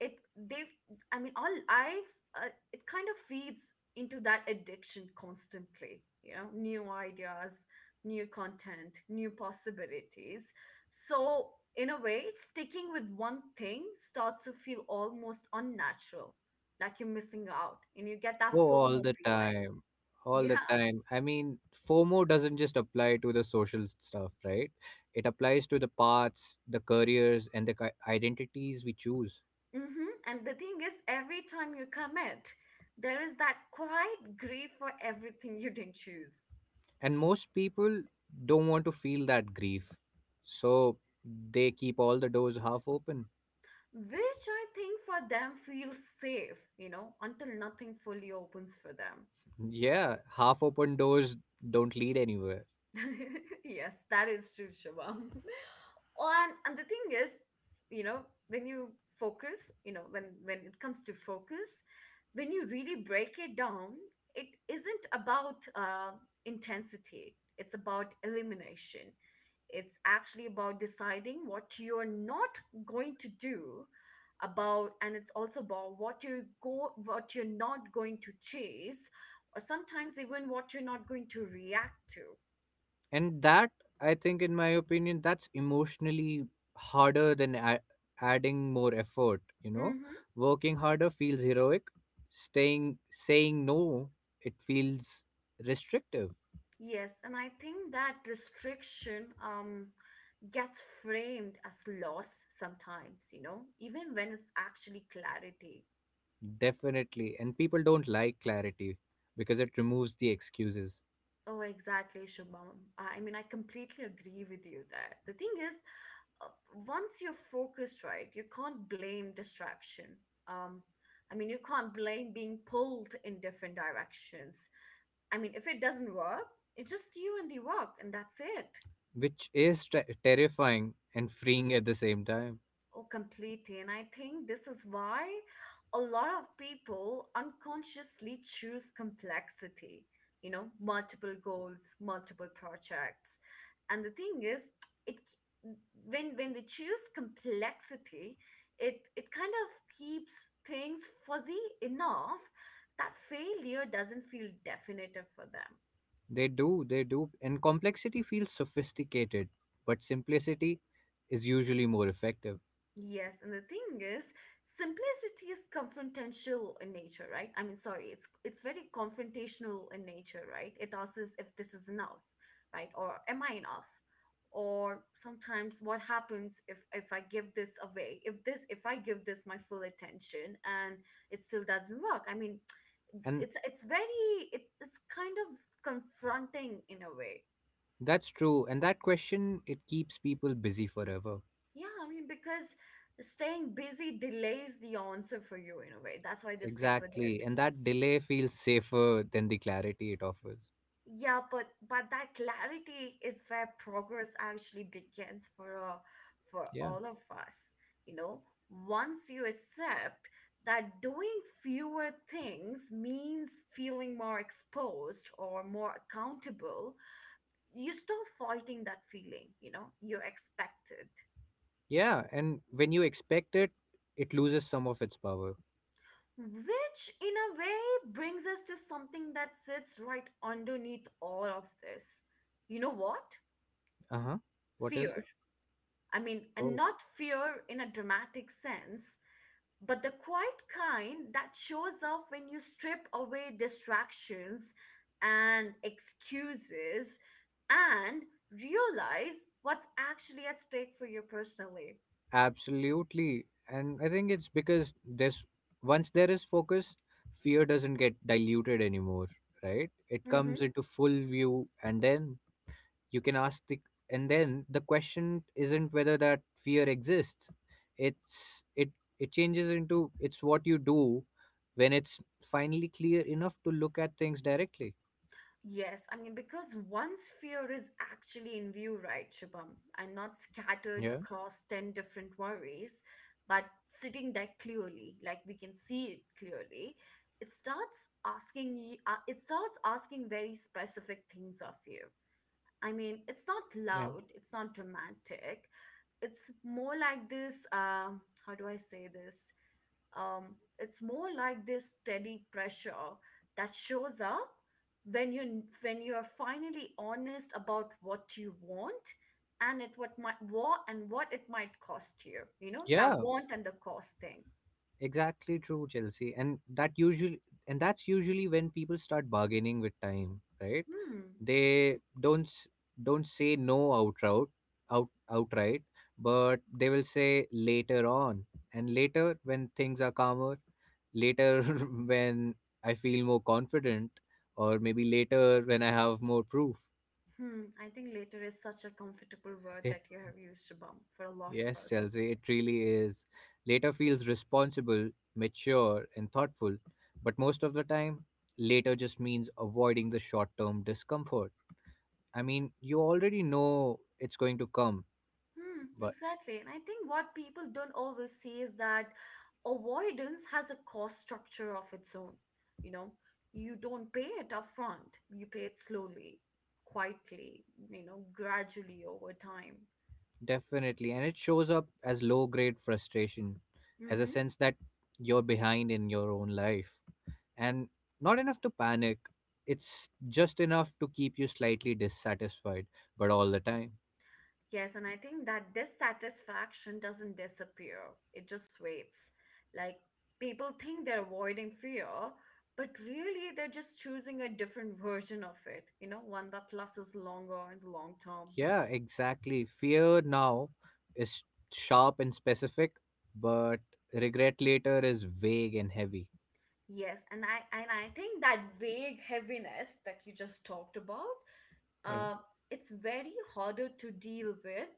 Speaker 1: it they've I mean, all lives, it kind of feeds into that addiction constantly. You know, new ideas, new content, new possibilities. So, in a way, sticking with one thing starts to feel almost unnatural, like you're missing out and you get that
Speaker 2: Oh, all
Speaker 1: FOMO
Speaker 2: the
Speaker 1: feeling.
Speaker 2: time. All the
Speaker 1: Yeah.
Speaker 2: time. I mean, FOMO doesn't just apply to the social stuff, right? It applies to the paths, the careers, and the identities we choose.
Speaker 1: Mm-hmm. And the thing is, every time you commit, there is that quiet grief for everything you didn't choose.
Speaker 2: And most people don't want to feel that grief. So they keep all the doors half open.
Speaker 1: Which I think for them feels safe, you know, until nothing fully opens for them.
Speaker 2: Yeah, half open doors don't lead anywhere.
Speaker 1: (laughs) Yes, that is true, Shubham. (laughs) And the thing is, you know, when you focus, you know, when it comes to focus, when you really break it down, it isn't about intensity. It's about elimination. It's actually about deciding what you're not going to do about, and it's also about what you go, what you're not going to chase, or sometimes even what you're not going to react to.
Speaker 2: And that, I think, in my opinion, that's emotionally harder than adding more effort.
Speaker 1: Mm-hmm.
Speaker 2: Working harder feels heroic. Staying saying no, it feels restrictive.
Speaker 1: Yes, and I think that restriction gets framed as loss sometimes, you know, even when it's actually clarity.
Speaker 2: Definitely. And people don't like clarity, because it removes the excuses,
Speaker 1: Oh, exactly, Shubham. I mean, I completely agree with you there. The thing is, uh, once you're focused, right, you can't blame distraction. Um, I mean, you can't blame being pulled in different directions. I mean, if it doesn't work, it's just you and the work, and that's it.
Speaker 2: which is terrifying and freeing at the same time.
Speaker 1: Oh, completely. And I think this is why a lot of people unconsciously choose complexity, you know, multiple goals, multiple projects. And the thing is, it when they choose complexity, it kind of keeps things fuzzy enough that failure doesn't feel definitive for them.
Speaker 2: They do, and complexity feels sophisticated, but simplicity is usually more effective.
Speaker 1: Yes, and the thing is, simplicity is confrontational in nature, right? I mean, sorry, it's very confrontational in nature, right? It asks us if this is enough, right? Or am I enough? Or sometimes what happens if I give this away? If I give this my full attention and it still doesn't work? I mean,
Speaker 2: And
Speaker 1: it's kind of confronting in a way.
Speaker 2: That's true. And that question, it keeps people busy forever.
Speaker 1: Yeah, I mean, because staying busy delays the answer for you in a way. That's why they stick with it.
Speaker 2: Exactly. And that delay feels safer than the clarity it offers.
Speaker 1: Yeah, but that clarity is where progress actually begins for
Speaker 2: Yeah.
Speaker 1: all of us. You know, once you accept that doing fewer things means feeling more exposed or more accountable, you stop fighting that feeling. You know, you expect it.
Speaker 2: Yeah. And when you expect it, it loses some of its power.
Speaker 1: Which, in a way, brings us to something that sits right underneath all of this. You know what?
Speaker 2: Uh huh. What is
Speaker 1: Fear.
Speaker 2: it?
Speaker 1: I mean, and
Speaker 2: Oh,
Speaker 1: not fear in a dramatic sense, but the quiet kind that shows up when you strip away distractions and excuses and realize what's actually at stake for you personally.
Speaker 2: absolutely. And I think it's because there's once there is focus, fear doesn't get diluted anymore, right? It
Speaker 1: Mm-hmm.
Speaker 2: comes into full view, and then you can ask the and then the question isn't whether that fear exists. it's it it changes into, it's what you do when it's finally clear enough to look at things directly.
Speaker 1: Yes, I mean, because once fear is actually in view, right, Shubham, and not scattered
Speaker 2: Yeah.
Speaker 1: across 10 different worries, but sitting there clearly, like we can see it clearly, it starts asking you, it starts asking very specific things of you. I mean, it's not
Speaker 2: Yeah.
Speaker 1: loud, it's not dramatic, it's more like this, how do I say this? It's more like this steady pressure that shows up when you when you are finally honest about what you want and it what might what and what it might cost you. You know, that
Speaker 2: Yeah.
Speaker 1: want and the cost thing.
Speaker 2: Exactly true, Chelsea. And that usually and that's usually when people start bargaining with time, right?
Speaker 1: Hmm.
Speaker 2: They don't don't say no outright, outright, but they will say later on, and later when things are calmer, later (laughs) when I feel more confident, or maybe later when I have more proof.
Speaker 1: Hmm. I think later is such a comfortable word
Speaker 2: It
Speaker 1: that you have used, Shubham, for a lot of
Speaker 2: Yes,
Speaker 1: us.
Speaker 2: Chelsea, it really is. Later feels responsible, mature, and thoughtful, but most of the time, later just means avoiding the short term discomfort. I mean, you already know it's going to come,
Speaker 1: Hmm,
Speaker 2: but
Speaker 1: exactly. And I think what people don't always see is that avoidance has a cost structure of its own. You know, you don't pay it upfront, you pay it slowly, quietly, you know, gradually over time.
Speaker 2: definitely, and it shows up as low grade frustration, as a
Speaker 1: Mm-hmm.
Speaker 2: sense that you're behind in your own life. And not enough to panic, it's just enough to keep you slightly dissatisfied, but all the time.
Speaker 1: Yes, and I think that dissatisfaction doesn't disappear, it just waits. Like, people think they're avoiding fear, but really they're just choosing a different version of it, you know, one that lasts longer in the long term.
Speaker 2: Yeah, exactly. Fear now is sharp and specific, but regret later is vague and heavy.
Speaker 1: Yes, and I think that vague heaviness that you just talked about,
Speaker 2: Yeah,
Speaker 1: uh, it's very harder to deal with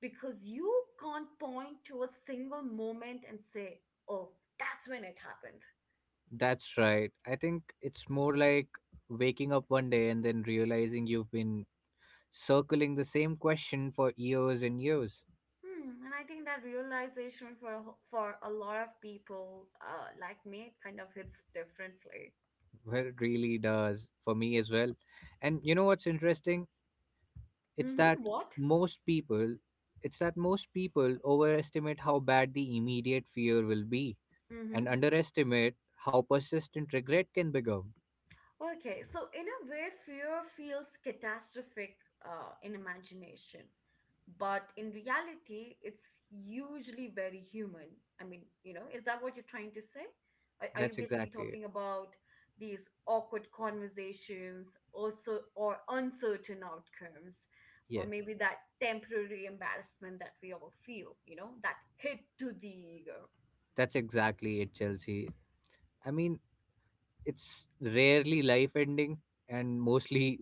Speaker 1: because you can't point to a single moment and say, "Oh, that's when it happened."
Speaker 2: that's right. I think it's more like waking up one day and then realizing you've been circling the same question for years and years.
Speaker 1: Hmm, and I think that realization for a for a lot of people, like me, it kind of hits differently.
Speaker 2: Well, it really does for me as well. And you know what's interesting? It's that
Speaker 1: Mm-hmm. What?
Speaker 2: most people, it's that most people overestimate how bad the immediate fear will be
Speaker 1: Mm-hmm.
Speaker 2: and underestimate how persistent regret can become.
Speaker 1: Okay, so in a way, fear feels catastrophic, in imagination, but in reality, it's usually very human. I mean, you know, is that what you're trying to say? Are you
Speaker 2: That's
Speaker 1: basically
Speaker 2: exactly it.
Speaker 1: talking about these awkward conversations, also, or uncertain outcomes, or
Speaker 2: Yeah,
Speaker 1: maybe that temporary embarrassment that we all feel, you know, that hit to the ego?
Speaker 2: that's exactly it, Chelsea. I mean, it's rarely life ending and mostly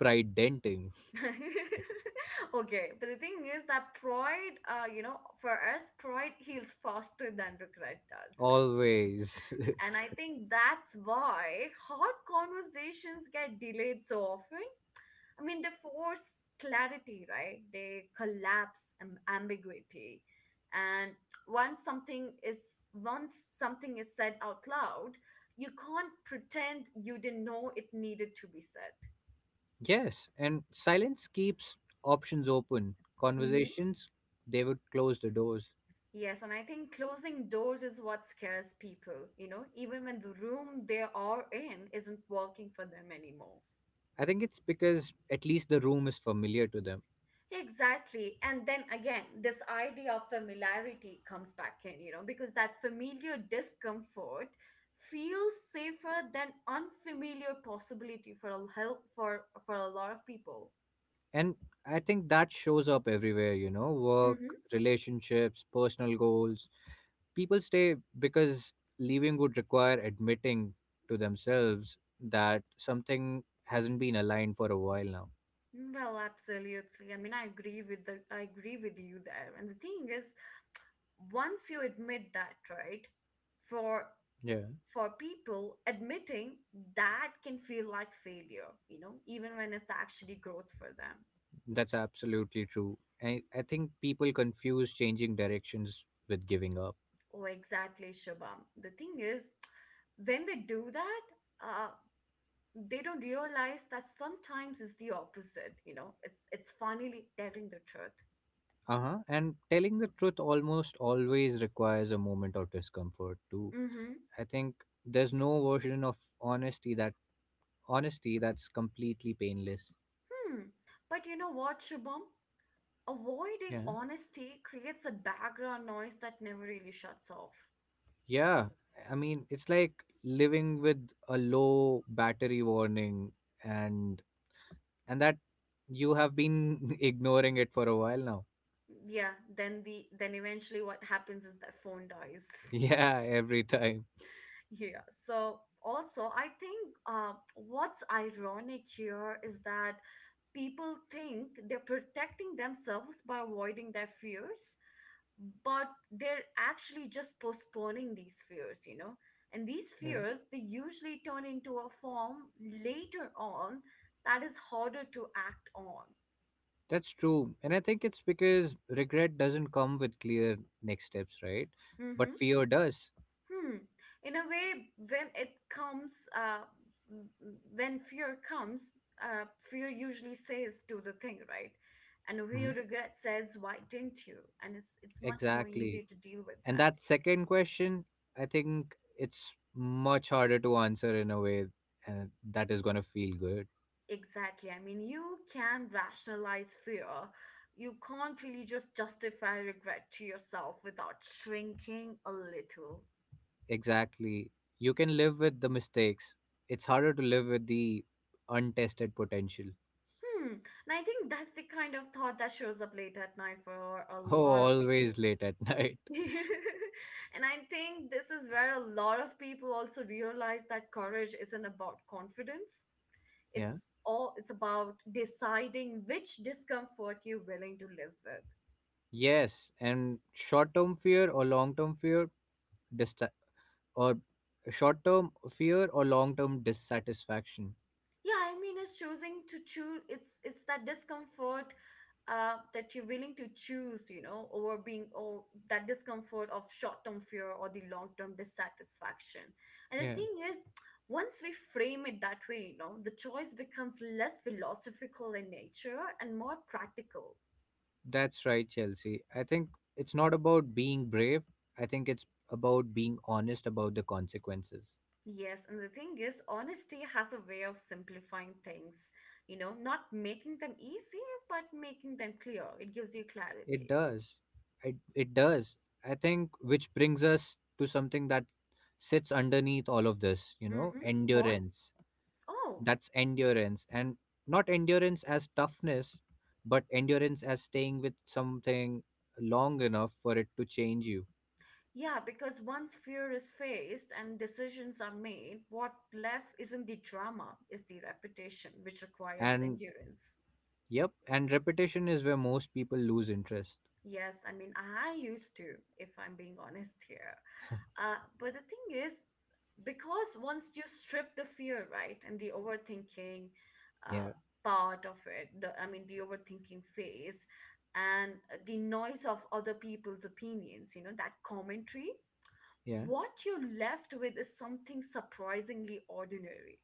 Speaker 2: pride denting.
Speaker 1: (laughs) Okay, but the thing is that pride, you know, for us, pride heals faster than regret does.
Speaker 2: Always.
Speaker 1: And I think that's why hard conversations get delayed so often. I mean, they force clarity, right? They collapse ambiguity. And once something is once something is said out loud, you can't pretend you didn't know it needed to be said.
Speaker 2: (laughs) Yes, and silence keeps options open.
Speaker 1: Mm-hmm.
Speaker 2: Conversations, they would close the doors.
Speaker 1: Yes, and I think closing doors is what scares people, you know, even when the room they are in isn't working for them anymore.
Speaker 2: I think it's because at least the room is familiar to them.
Speaker 1: Exactly. And then again, this idea of familiarity comes back in, you know, because that familiar discomfort feels safer than unfamiliar possibility for a lot of people.
Speaker 2: And I think that shows up everywhere, you know, work,
Speaker 1: Mm-hmm.
Speaker 2: relationships, personal goals. People stay because leaving would require admitting to themselves that something hasn't been aligned for a while now.
Speaker 1: Well, absolutely. I mean, I agree with you there. And the thing is, once you admit that, right? For
Speaker 2: Yeah,
Speaker 1: for people, admitting that can feel like failure, you know, even when it's actually growth for them.
Speaker 2: that's absolutely true. I think people confuse changing directions with giving up.
Speaker 1: Oh, exactly, Shabam. The thing is, when they do that, uh, they don't realize that sometimes it's the opposite. You know, it's finally telling the truth.
Speaker 2: Uh huh. And telling the truth almost always requires a moment of discomfort, too.
Speaker 1: Mm-hmm.
Speaker 2: I think there's no version of honesty that's completely painless.
Speaker 1: Hmm. But you know what, Shubham? Avoiding
Speaker 2: Yeah.
Speaker 1: honesty creates a background noise that never really shuts off.
Speaker 2: Yeah, I mean, it's like living with a low battery warning, and and that you have been (laughs) ignoring it for a while now.
Speaker 1: Yeah. Then the then eventually what happens is that phone dies.
Speaker 2: (laughs)
Speaker 1: (laughs)
Speaker 2: Yeah, every time.
Speaker 1: Yeah. So also, I think what's ironic here is that people think they're protecting themselves by avoiding their fears, but they're actually just postponing these fears, you know? And these
Speaker 2: Yeah.
Speaker 1: fears, they usually turn into a form later on that is harder to act on.
Speaker 2: That's true. And I think it's because regret doesn't come with clear next steps, right? But
Speaker 1: Mm-hmm.
Speaker 2: fear does.
Speaker 1: Hmm. In a way, when it comes, when fear comes, fear usually says do the thing, right? And
Speaker 2: Mhm.
Speaker 1: where regret says, why didn't you? And it's much more
Speaker 2: Exactly.
Speaker 1: easier to deal with
Speaker 2: And
Speaker 1: that.
Speaker 2: that second question, I think it's much harder to answer in a way, and that is going to feel good.
Speaker 1: Exactly. I mean, you can rationalize fear. You can't really just justify regret to yourself without shrinking a little.
Speaker 2: Exactly. You can live with the mistakes. It's harder to live with the untested potential.
Speaker 1: Hmm. And I think that's the kind of thought that shows up late at night for a
Speaker 2: (laughs) Oh,
Speaker 1: lot of people.
Speaker 2: always late at (laughs) night.
Speaker 1: (laughs) And I think this is where a lot of people also realize that courage isn't about confidence.
Speaker 2: Yeah.
Speaker 1: It's about deciding which discomfort you're willing to live with.
Speaker 2: Yes. And short term fear or long term fear, dista- or short term fear or long term dissatisfaction.
Speaker 1: Yeah, I mean it's choosing to choose it's that discomfort that you're willing to choose, you know, over being or that discomfort of short-term fear or the long-term dissatisfaction. And the
Speaker 2: Yeah.
Speaker 1: thing is, once we frame it that way, you know, the choice becomes less philosophical in nature and more practical.
Speaker 2: That's right, Chelsea. I think it's not about being brave. I think it's about being honest about the consequences.
Speaker 1: Yes, and the thing is, honesty has a way of simplifying things, you know, not making them easy, but making them clear. It gives you
Speaker 2: It
Speaker 1: clarity.
Speaker 2: does. It does. I think which brings us to something that sits underneath all of this, you know,
Speaker 1: Mm-hmm. What?
Speaker 2: endurance.
Speaker 1: Oh.
Speaker 2: That's endurance. And not endurance as toughness, but endurance as staying with something long enough for it to change you.
Speaker 1: Yeah, because once fear is faced and decisions are made, what left isn't the drama, is the reputation, which requires
Speaker 2: And
Speaker 1: endurance.
Speaker 2: yep, and repetition is where most people lose interest.
Speaker 1: Yes, I mean, I used to, if I'm being honest here. But the thing is, because once you strip the fear, right, and the overthinking uh,
Speaker 2: Yeah,
Speaker 1: part of it, the, I mean, the overthinking phase, and the noise of other people's opinions, you know, that commentary,
Speaker 2: yeah,
Speaker 1: what you're left with is something surprisingly ordinary.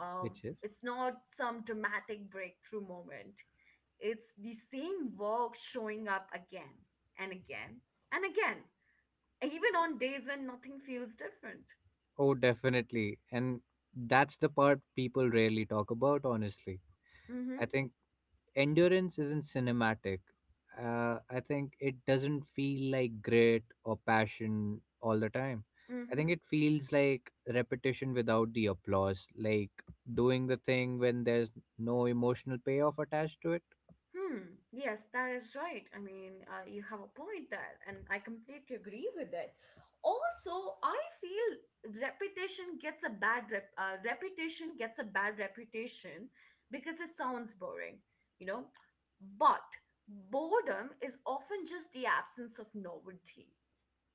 Speaker 1: Um,
Speaker 2: which is.
Speaker 1: it's not some dramatic breakthrough moment. It's the same work showing up again and again and again, even on days when nothing feels different.
Speaker 2: Oh, definitely. And that's the part people rarely talk about, honestly.
Speaker 1: Mm-hmm.
Speaker 2: I think endurance isn't cinematic. I think it doesn't feel like grit or passion all the time. I think
Speaker 1: Mm-hmm.
Speaker 2: it feels like repetition without the applause, like doing the thing when there's no emotional payoff attached to it.
Speaker 1: Hmm. Yes, that is right. I mean, you have a point there, and I completely agree with it. Also, I feel repetition gets a bad rep. Repetition gets a bad reputation because it sounds boring, you know. But boredom is often just the absence of novelty,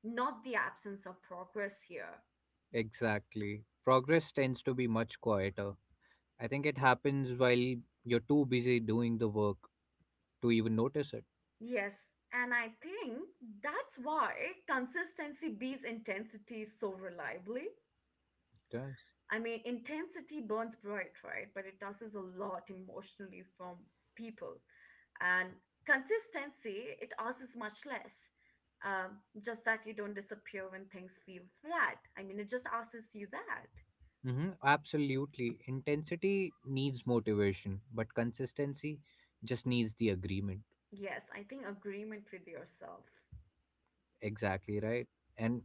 Speaker 1: not the absence of progress here.
Speaker 2: Exactly. Progress tends to be much quieter. I think it happens while you're too busy doing the work to even notice it.
Speaker 1: Yes, and I think that's why consistency beats intensity so reliably.
Speaker 2: Yes.
Speaker 1: I mean, intensity burns bright, right? But it tosses a lot emotionally from people. And consistency, it asks much less. Um, just that you don't disappear when things feel flat. I mean, it just asks you that.
Speaker 2: Mm-hmm, absolutely. Intensity needs motivation, but consistency just needs the agreement.
Speaker 1: Yes, I think agreement with yourself.
Speaker 2: Exactly right. And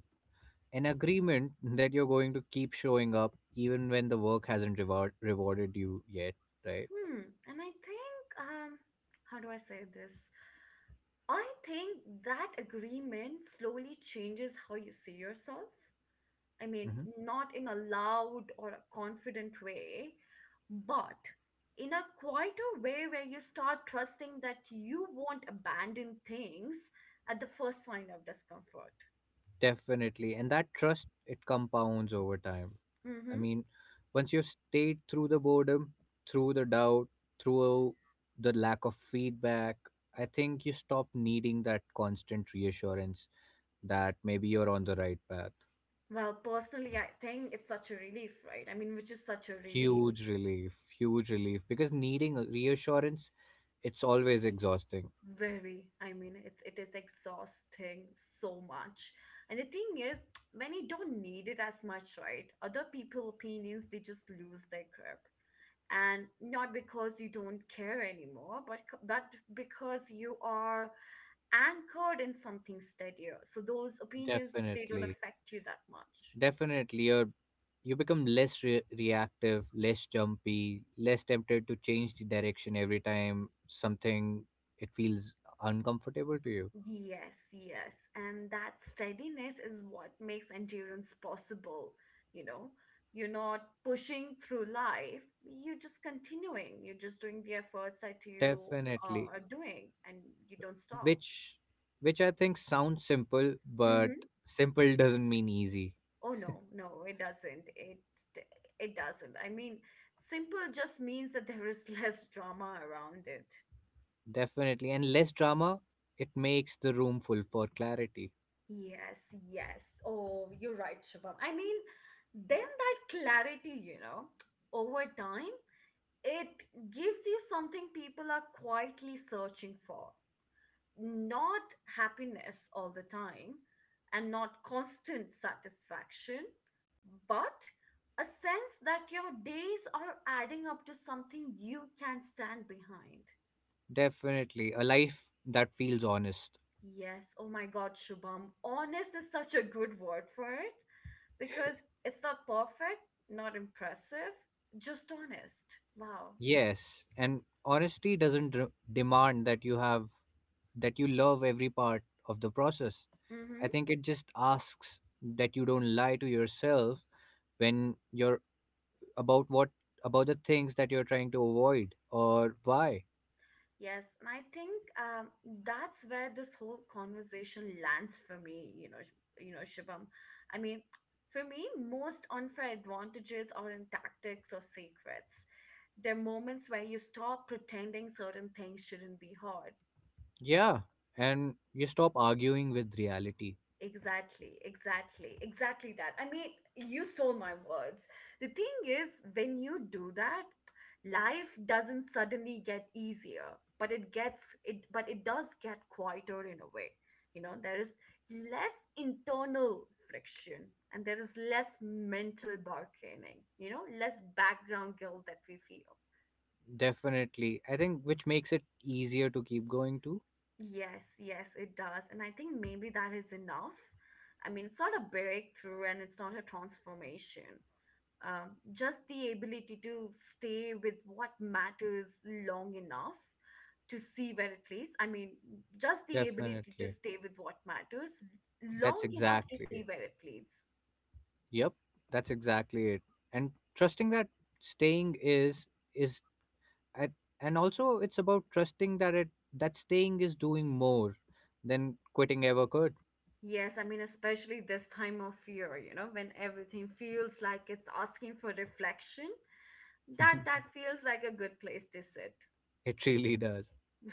Speaker 2: an agreement (laughs) that you're going to keep showing up even when the work hasn't rewarded you yet, right?
Speaker 1: Hmm. And I think, how do I say this? I think that agreement slowly changes how you see yourself. I mean,
Speaker 2: Mm-hmm.
Speaker 1: not in a loud or a confident way, but in a quieter way where you start trusting that you won't abandon things at the first sign of discomfort.
Speaker 2: Definitely. And that trust, it compounds over time. I
Speaker 1: Mm-hmm.
Speaker 2: mean, once you've stayed through the boredom, through the doubt, through the lack of feedback, I think you stop needing that constant reassurance that maybe you're on the right path.
Speaker 1: Well, personally, I think it's such a relief, right? I mean, which is such a relief.
Speaker 2: Huge relief, huge relief, because needing a reassurance, it's always exhausting.
Speaker 1: Very. I mean, it is exhausting so much. And the thing is, (tsk) when you don't need it as much, right? Other people opinions, they just lose their grip. And not because you don't care anymore but because you are anchored in something steadier, so those opinions they don't
Speaker 2: Definitely,
Speaker 1: affect you that much.
Speaker 2: definitely, you become less reactive, less jumpy, less tempted to change the direction every time something, it feels uncomfortable to you.
Speaker 1: Yes, yes, and that steadiness is what makes endurance possible, you know. You're not pushing through life, you're just continuing, you're just doing the efforts that you
Speaker 2: Definitely,
Speaker 1: are doing and you don't stop.
Speaker 2: which which I think sounds simple, but simple doesn't mean easy.
Speaker 1: Oh no, no, it doesn't. It doesn't. I mean, simple just means that there is (laughs) less drama around it.
Speaker 2: Definitely, and less drama, it makes the room full for clarity.
Speaker 1: Yes, yes. Oh, you're right, Shubham. I mean, then that clarity, you know, over time, it gives you something people are quietly searching for. Not happiness all the time and not constant satisfaction, but a sense that your days are adding up to something you can stand behind.
Speaker 2: Definitely, a life that feels honest.
Speaker 1: Yes, oh my god, Shubham, honest is such a good word for it because it's not perfect, not impressive, just honest. Wow.
Speaker 2: Yes, and honesty doesn't demand that you have that you love every part of the process.
Speaker 1: Mm
Speaker 2: I
Speaker 1: hmm.
Speaker 2: think it just asks that you don't lie to yourself when you're about what about the things that you're trying to avoid or why.
Speaker 1: Yes, and I think um, that's where this whole conversation lands for me. You know, you know, Shubham. I mean, for me, most unfair advantages are in tactics or secrets. They're moments where you stop pretending certain things shouldn't be hard.
Speaker 2: Yeah, and you stop arguing with reality.
Speaker 1: Exactly, exactly, exactly that. I mean, you stole my words. The thing is, when you do that, life doesn't suddenly get easier, but it does get quieter in a way. You know, there is less internal friction and there is less mental bargaining, you know, less background guilt that we feel.
Speaker 2: Definitely. I think which makes it easier to keep going to.
Speaker 1: Yes, yes, it does. And I think maybe that is enough. I mean, it's not a breakthrough and it's not a transformation. Just the ability to stay with what matters long enough to see where it leads. I mean, just the ability to
Speaker 2: Definitely.
Speaker 1: stay with what matters
Speaker 2: That's
Speaker 1: long enough to
Speaker 2: exactly.
Speaker 1: see where it leads.
Speaker 2: Yep, that's exactly it. And trusting that staying is at, and also it's about trusting that it that staying is doing more than quitting ever could.
Speaker 1: Yes, I mean, especially this time of year, you know, when everything feels like it's asking for reflection, that feels like a good place to sit.
Speaker 2: (laughs) It really does.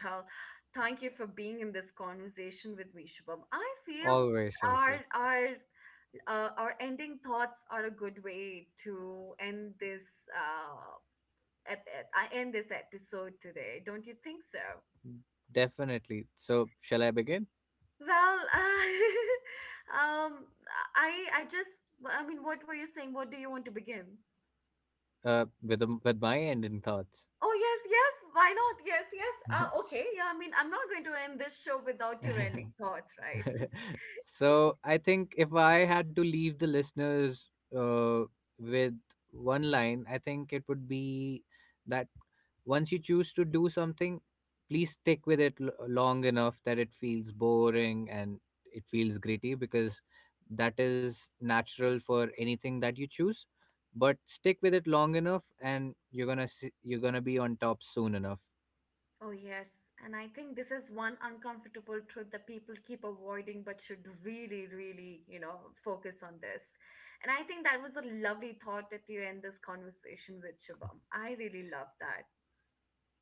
Speaker 1: Well, thank you for being in this conversation with me, Shubham. I feel
Speaker 2: Always,
Speaker 1: our
Speaker 2: Chelsea.
Speaker 1: our our ending thoughts are a good way to end this uh I end this episode today. Don't you think so?
Speaker 2: Definitely. So, shall I begin?
Speaker 1: Well, (laughs) I just I mean, what were you saying? What do you want to begin?
Speaker 2: With my ending thoughts.
Speaker 1: Oh, yes, yes. Why not? Yes, yes. Okay. Yeah, I mean, I'm not going to end this show without your ending
Speaker 2: (laughs)
Speaker 1: thoughts, right?
Speaker 2: So I think if I had to leave the listeners uh, with one line, I think it would be that once you choose to do something, please stick with it long enough that it feels boring and it feels gritty, because that is natural for anything that you choose. But stick with it long enough, and you're gonna see, you're gonna be on top soon enough.
Speaker 1: Oh, yes. And I think this is one uncomfortable truth that people keep avoiding, but should really, really, you know, focus on this. And I think that was a lovely thought that you end this conversation with, Shubham. I really love that.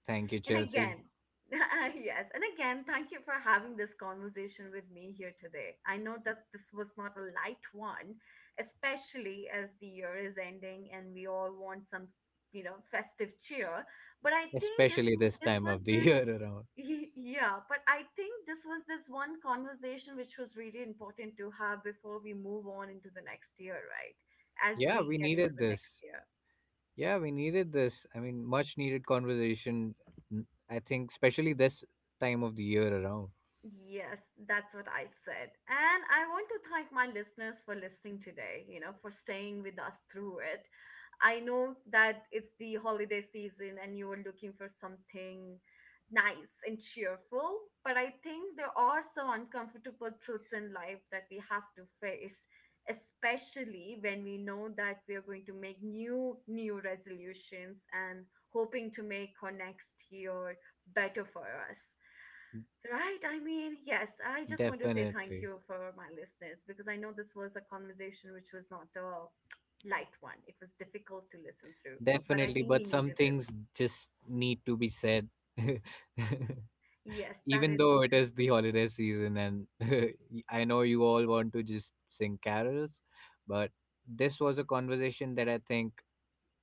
Speaker 2: Thank you,
Speaker 1: And
Speaker 2: Chelsea.
Speaker 1: again, (laughs) yes, and again, thank you for having this conversation with me here today. I know that this was not a light one, especially as the year is ending and we all want some, you know, festive
Speaker 2: S-
Speaker 1: cheer. But I think this
Speaker 2: Especially this
Speaker 1: this
Speaker 2: time
Speaker 1: was
Speaker 2: of the (laughs)
Speaker 1: this
Speaker 2: year around.
Speaker 1: (laughs) yeah, but I think this was this one conversation which was really important to have before we move on into the next year, right? As
Speaker 2: Yeah,
Speaker 1: we
Speaker 2: we
Speaker 1: get into
Speaker 2: needed
Speaker 1: the next
Speaker 2: this.
Speaker 1: year.
Speaker 2: Yeah, we needed this. I mean, much needed conversation. I think, especially this time of the year around.
Speaker 1: Yes, that's what I said. And I want to thank my listeners for listening today, you know, for staying with us through it. I know that it's the holiday season and you were looking for something nice and cheerful, but I think there are some uncomfortable truths in life that we have to face, especially when we know that we are going to make new resolutions and hoping to make our next year better for us. Right. I mean, yes, I just want to say thank
Speaker 2: Definitely.
Speaker 1: you for my listeners because I know this was a conversation which was not a light one. It was difficult to listen through, but I
Speaker 2: Definitely,
Speaker 1: think we
Speaker 2: but some
Speaker 1: needed it.
Speaker 2: things just need to be said. (laughs)
Speaker 1: Yes, that
Speaker 2: Even
Speaker 1: is
Speaker 2: though it
Speaker 1: true.
Speaker 2: is the holiday season, and (laughs) I know you all want to just sing carols, but this was a conversation that I think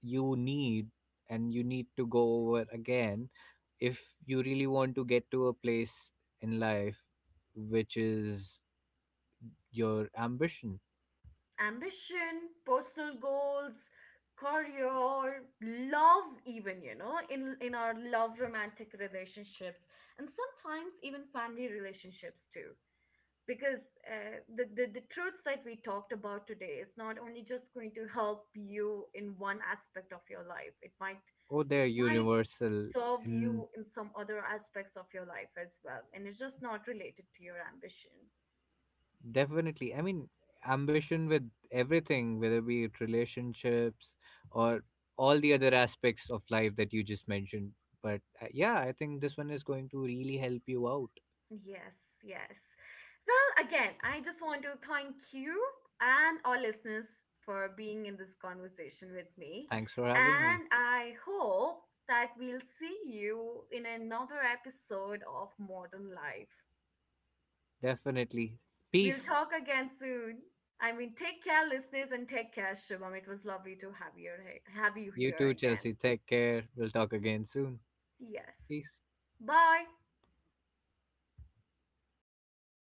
Speaker 2: you need, and you need to go over again if you really want to get to a place in life which is your ambition.
Speaker 1: Ambition, personal goals, career, love even, you know, in our love romantic relationships and sometimes even family relationships too. Because the truths that we talked about today is not only just going to help you in one aspect of your life,
Speaker 2: Oh, they're
Speaker 1: it might
Speaker 2: universal
Speaker 1: serve you
Speaker 2: in
Speaker 1: in some other aspects of your life as well, and it's just not related to your ambition.
Speaker 2: Definitely. I mean, ambition with everything, whether be it relationships or all the other aspects of life that you just mentioned. But yeah, I think this one is going to really help you out.
Speaker 1: Yes, yes. Well, again, I just want to thank you and our listeners for being in this conversation with me.
Speaker 2: Thanks for having me.
Speaker 1: And I hope that we'll see you in another episode of Modern Life.
Speaker 2: Definitely.
Speaker 1: We'll
Speaker 2: Peace.
Speaker 1: talk again soon. I mean, take care, listeners, and take care, Shubham. It was lovely to have you
Speaker 2: You
Speaker 1: here
Speaker 2: too,
Speaker 1: again.
Speaker 2: Chelsea. Take care. We'll talk again soon.
Speaker 1: Yes.
Speaker 2: Peace.
Speaker 1: Bye.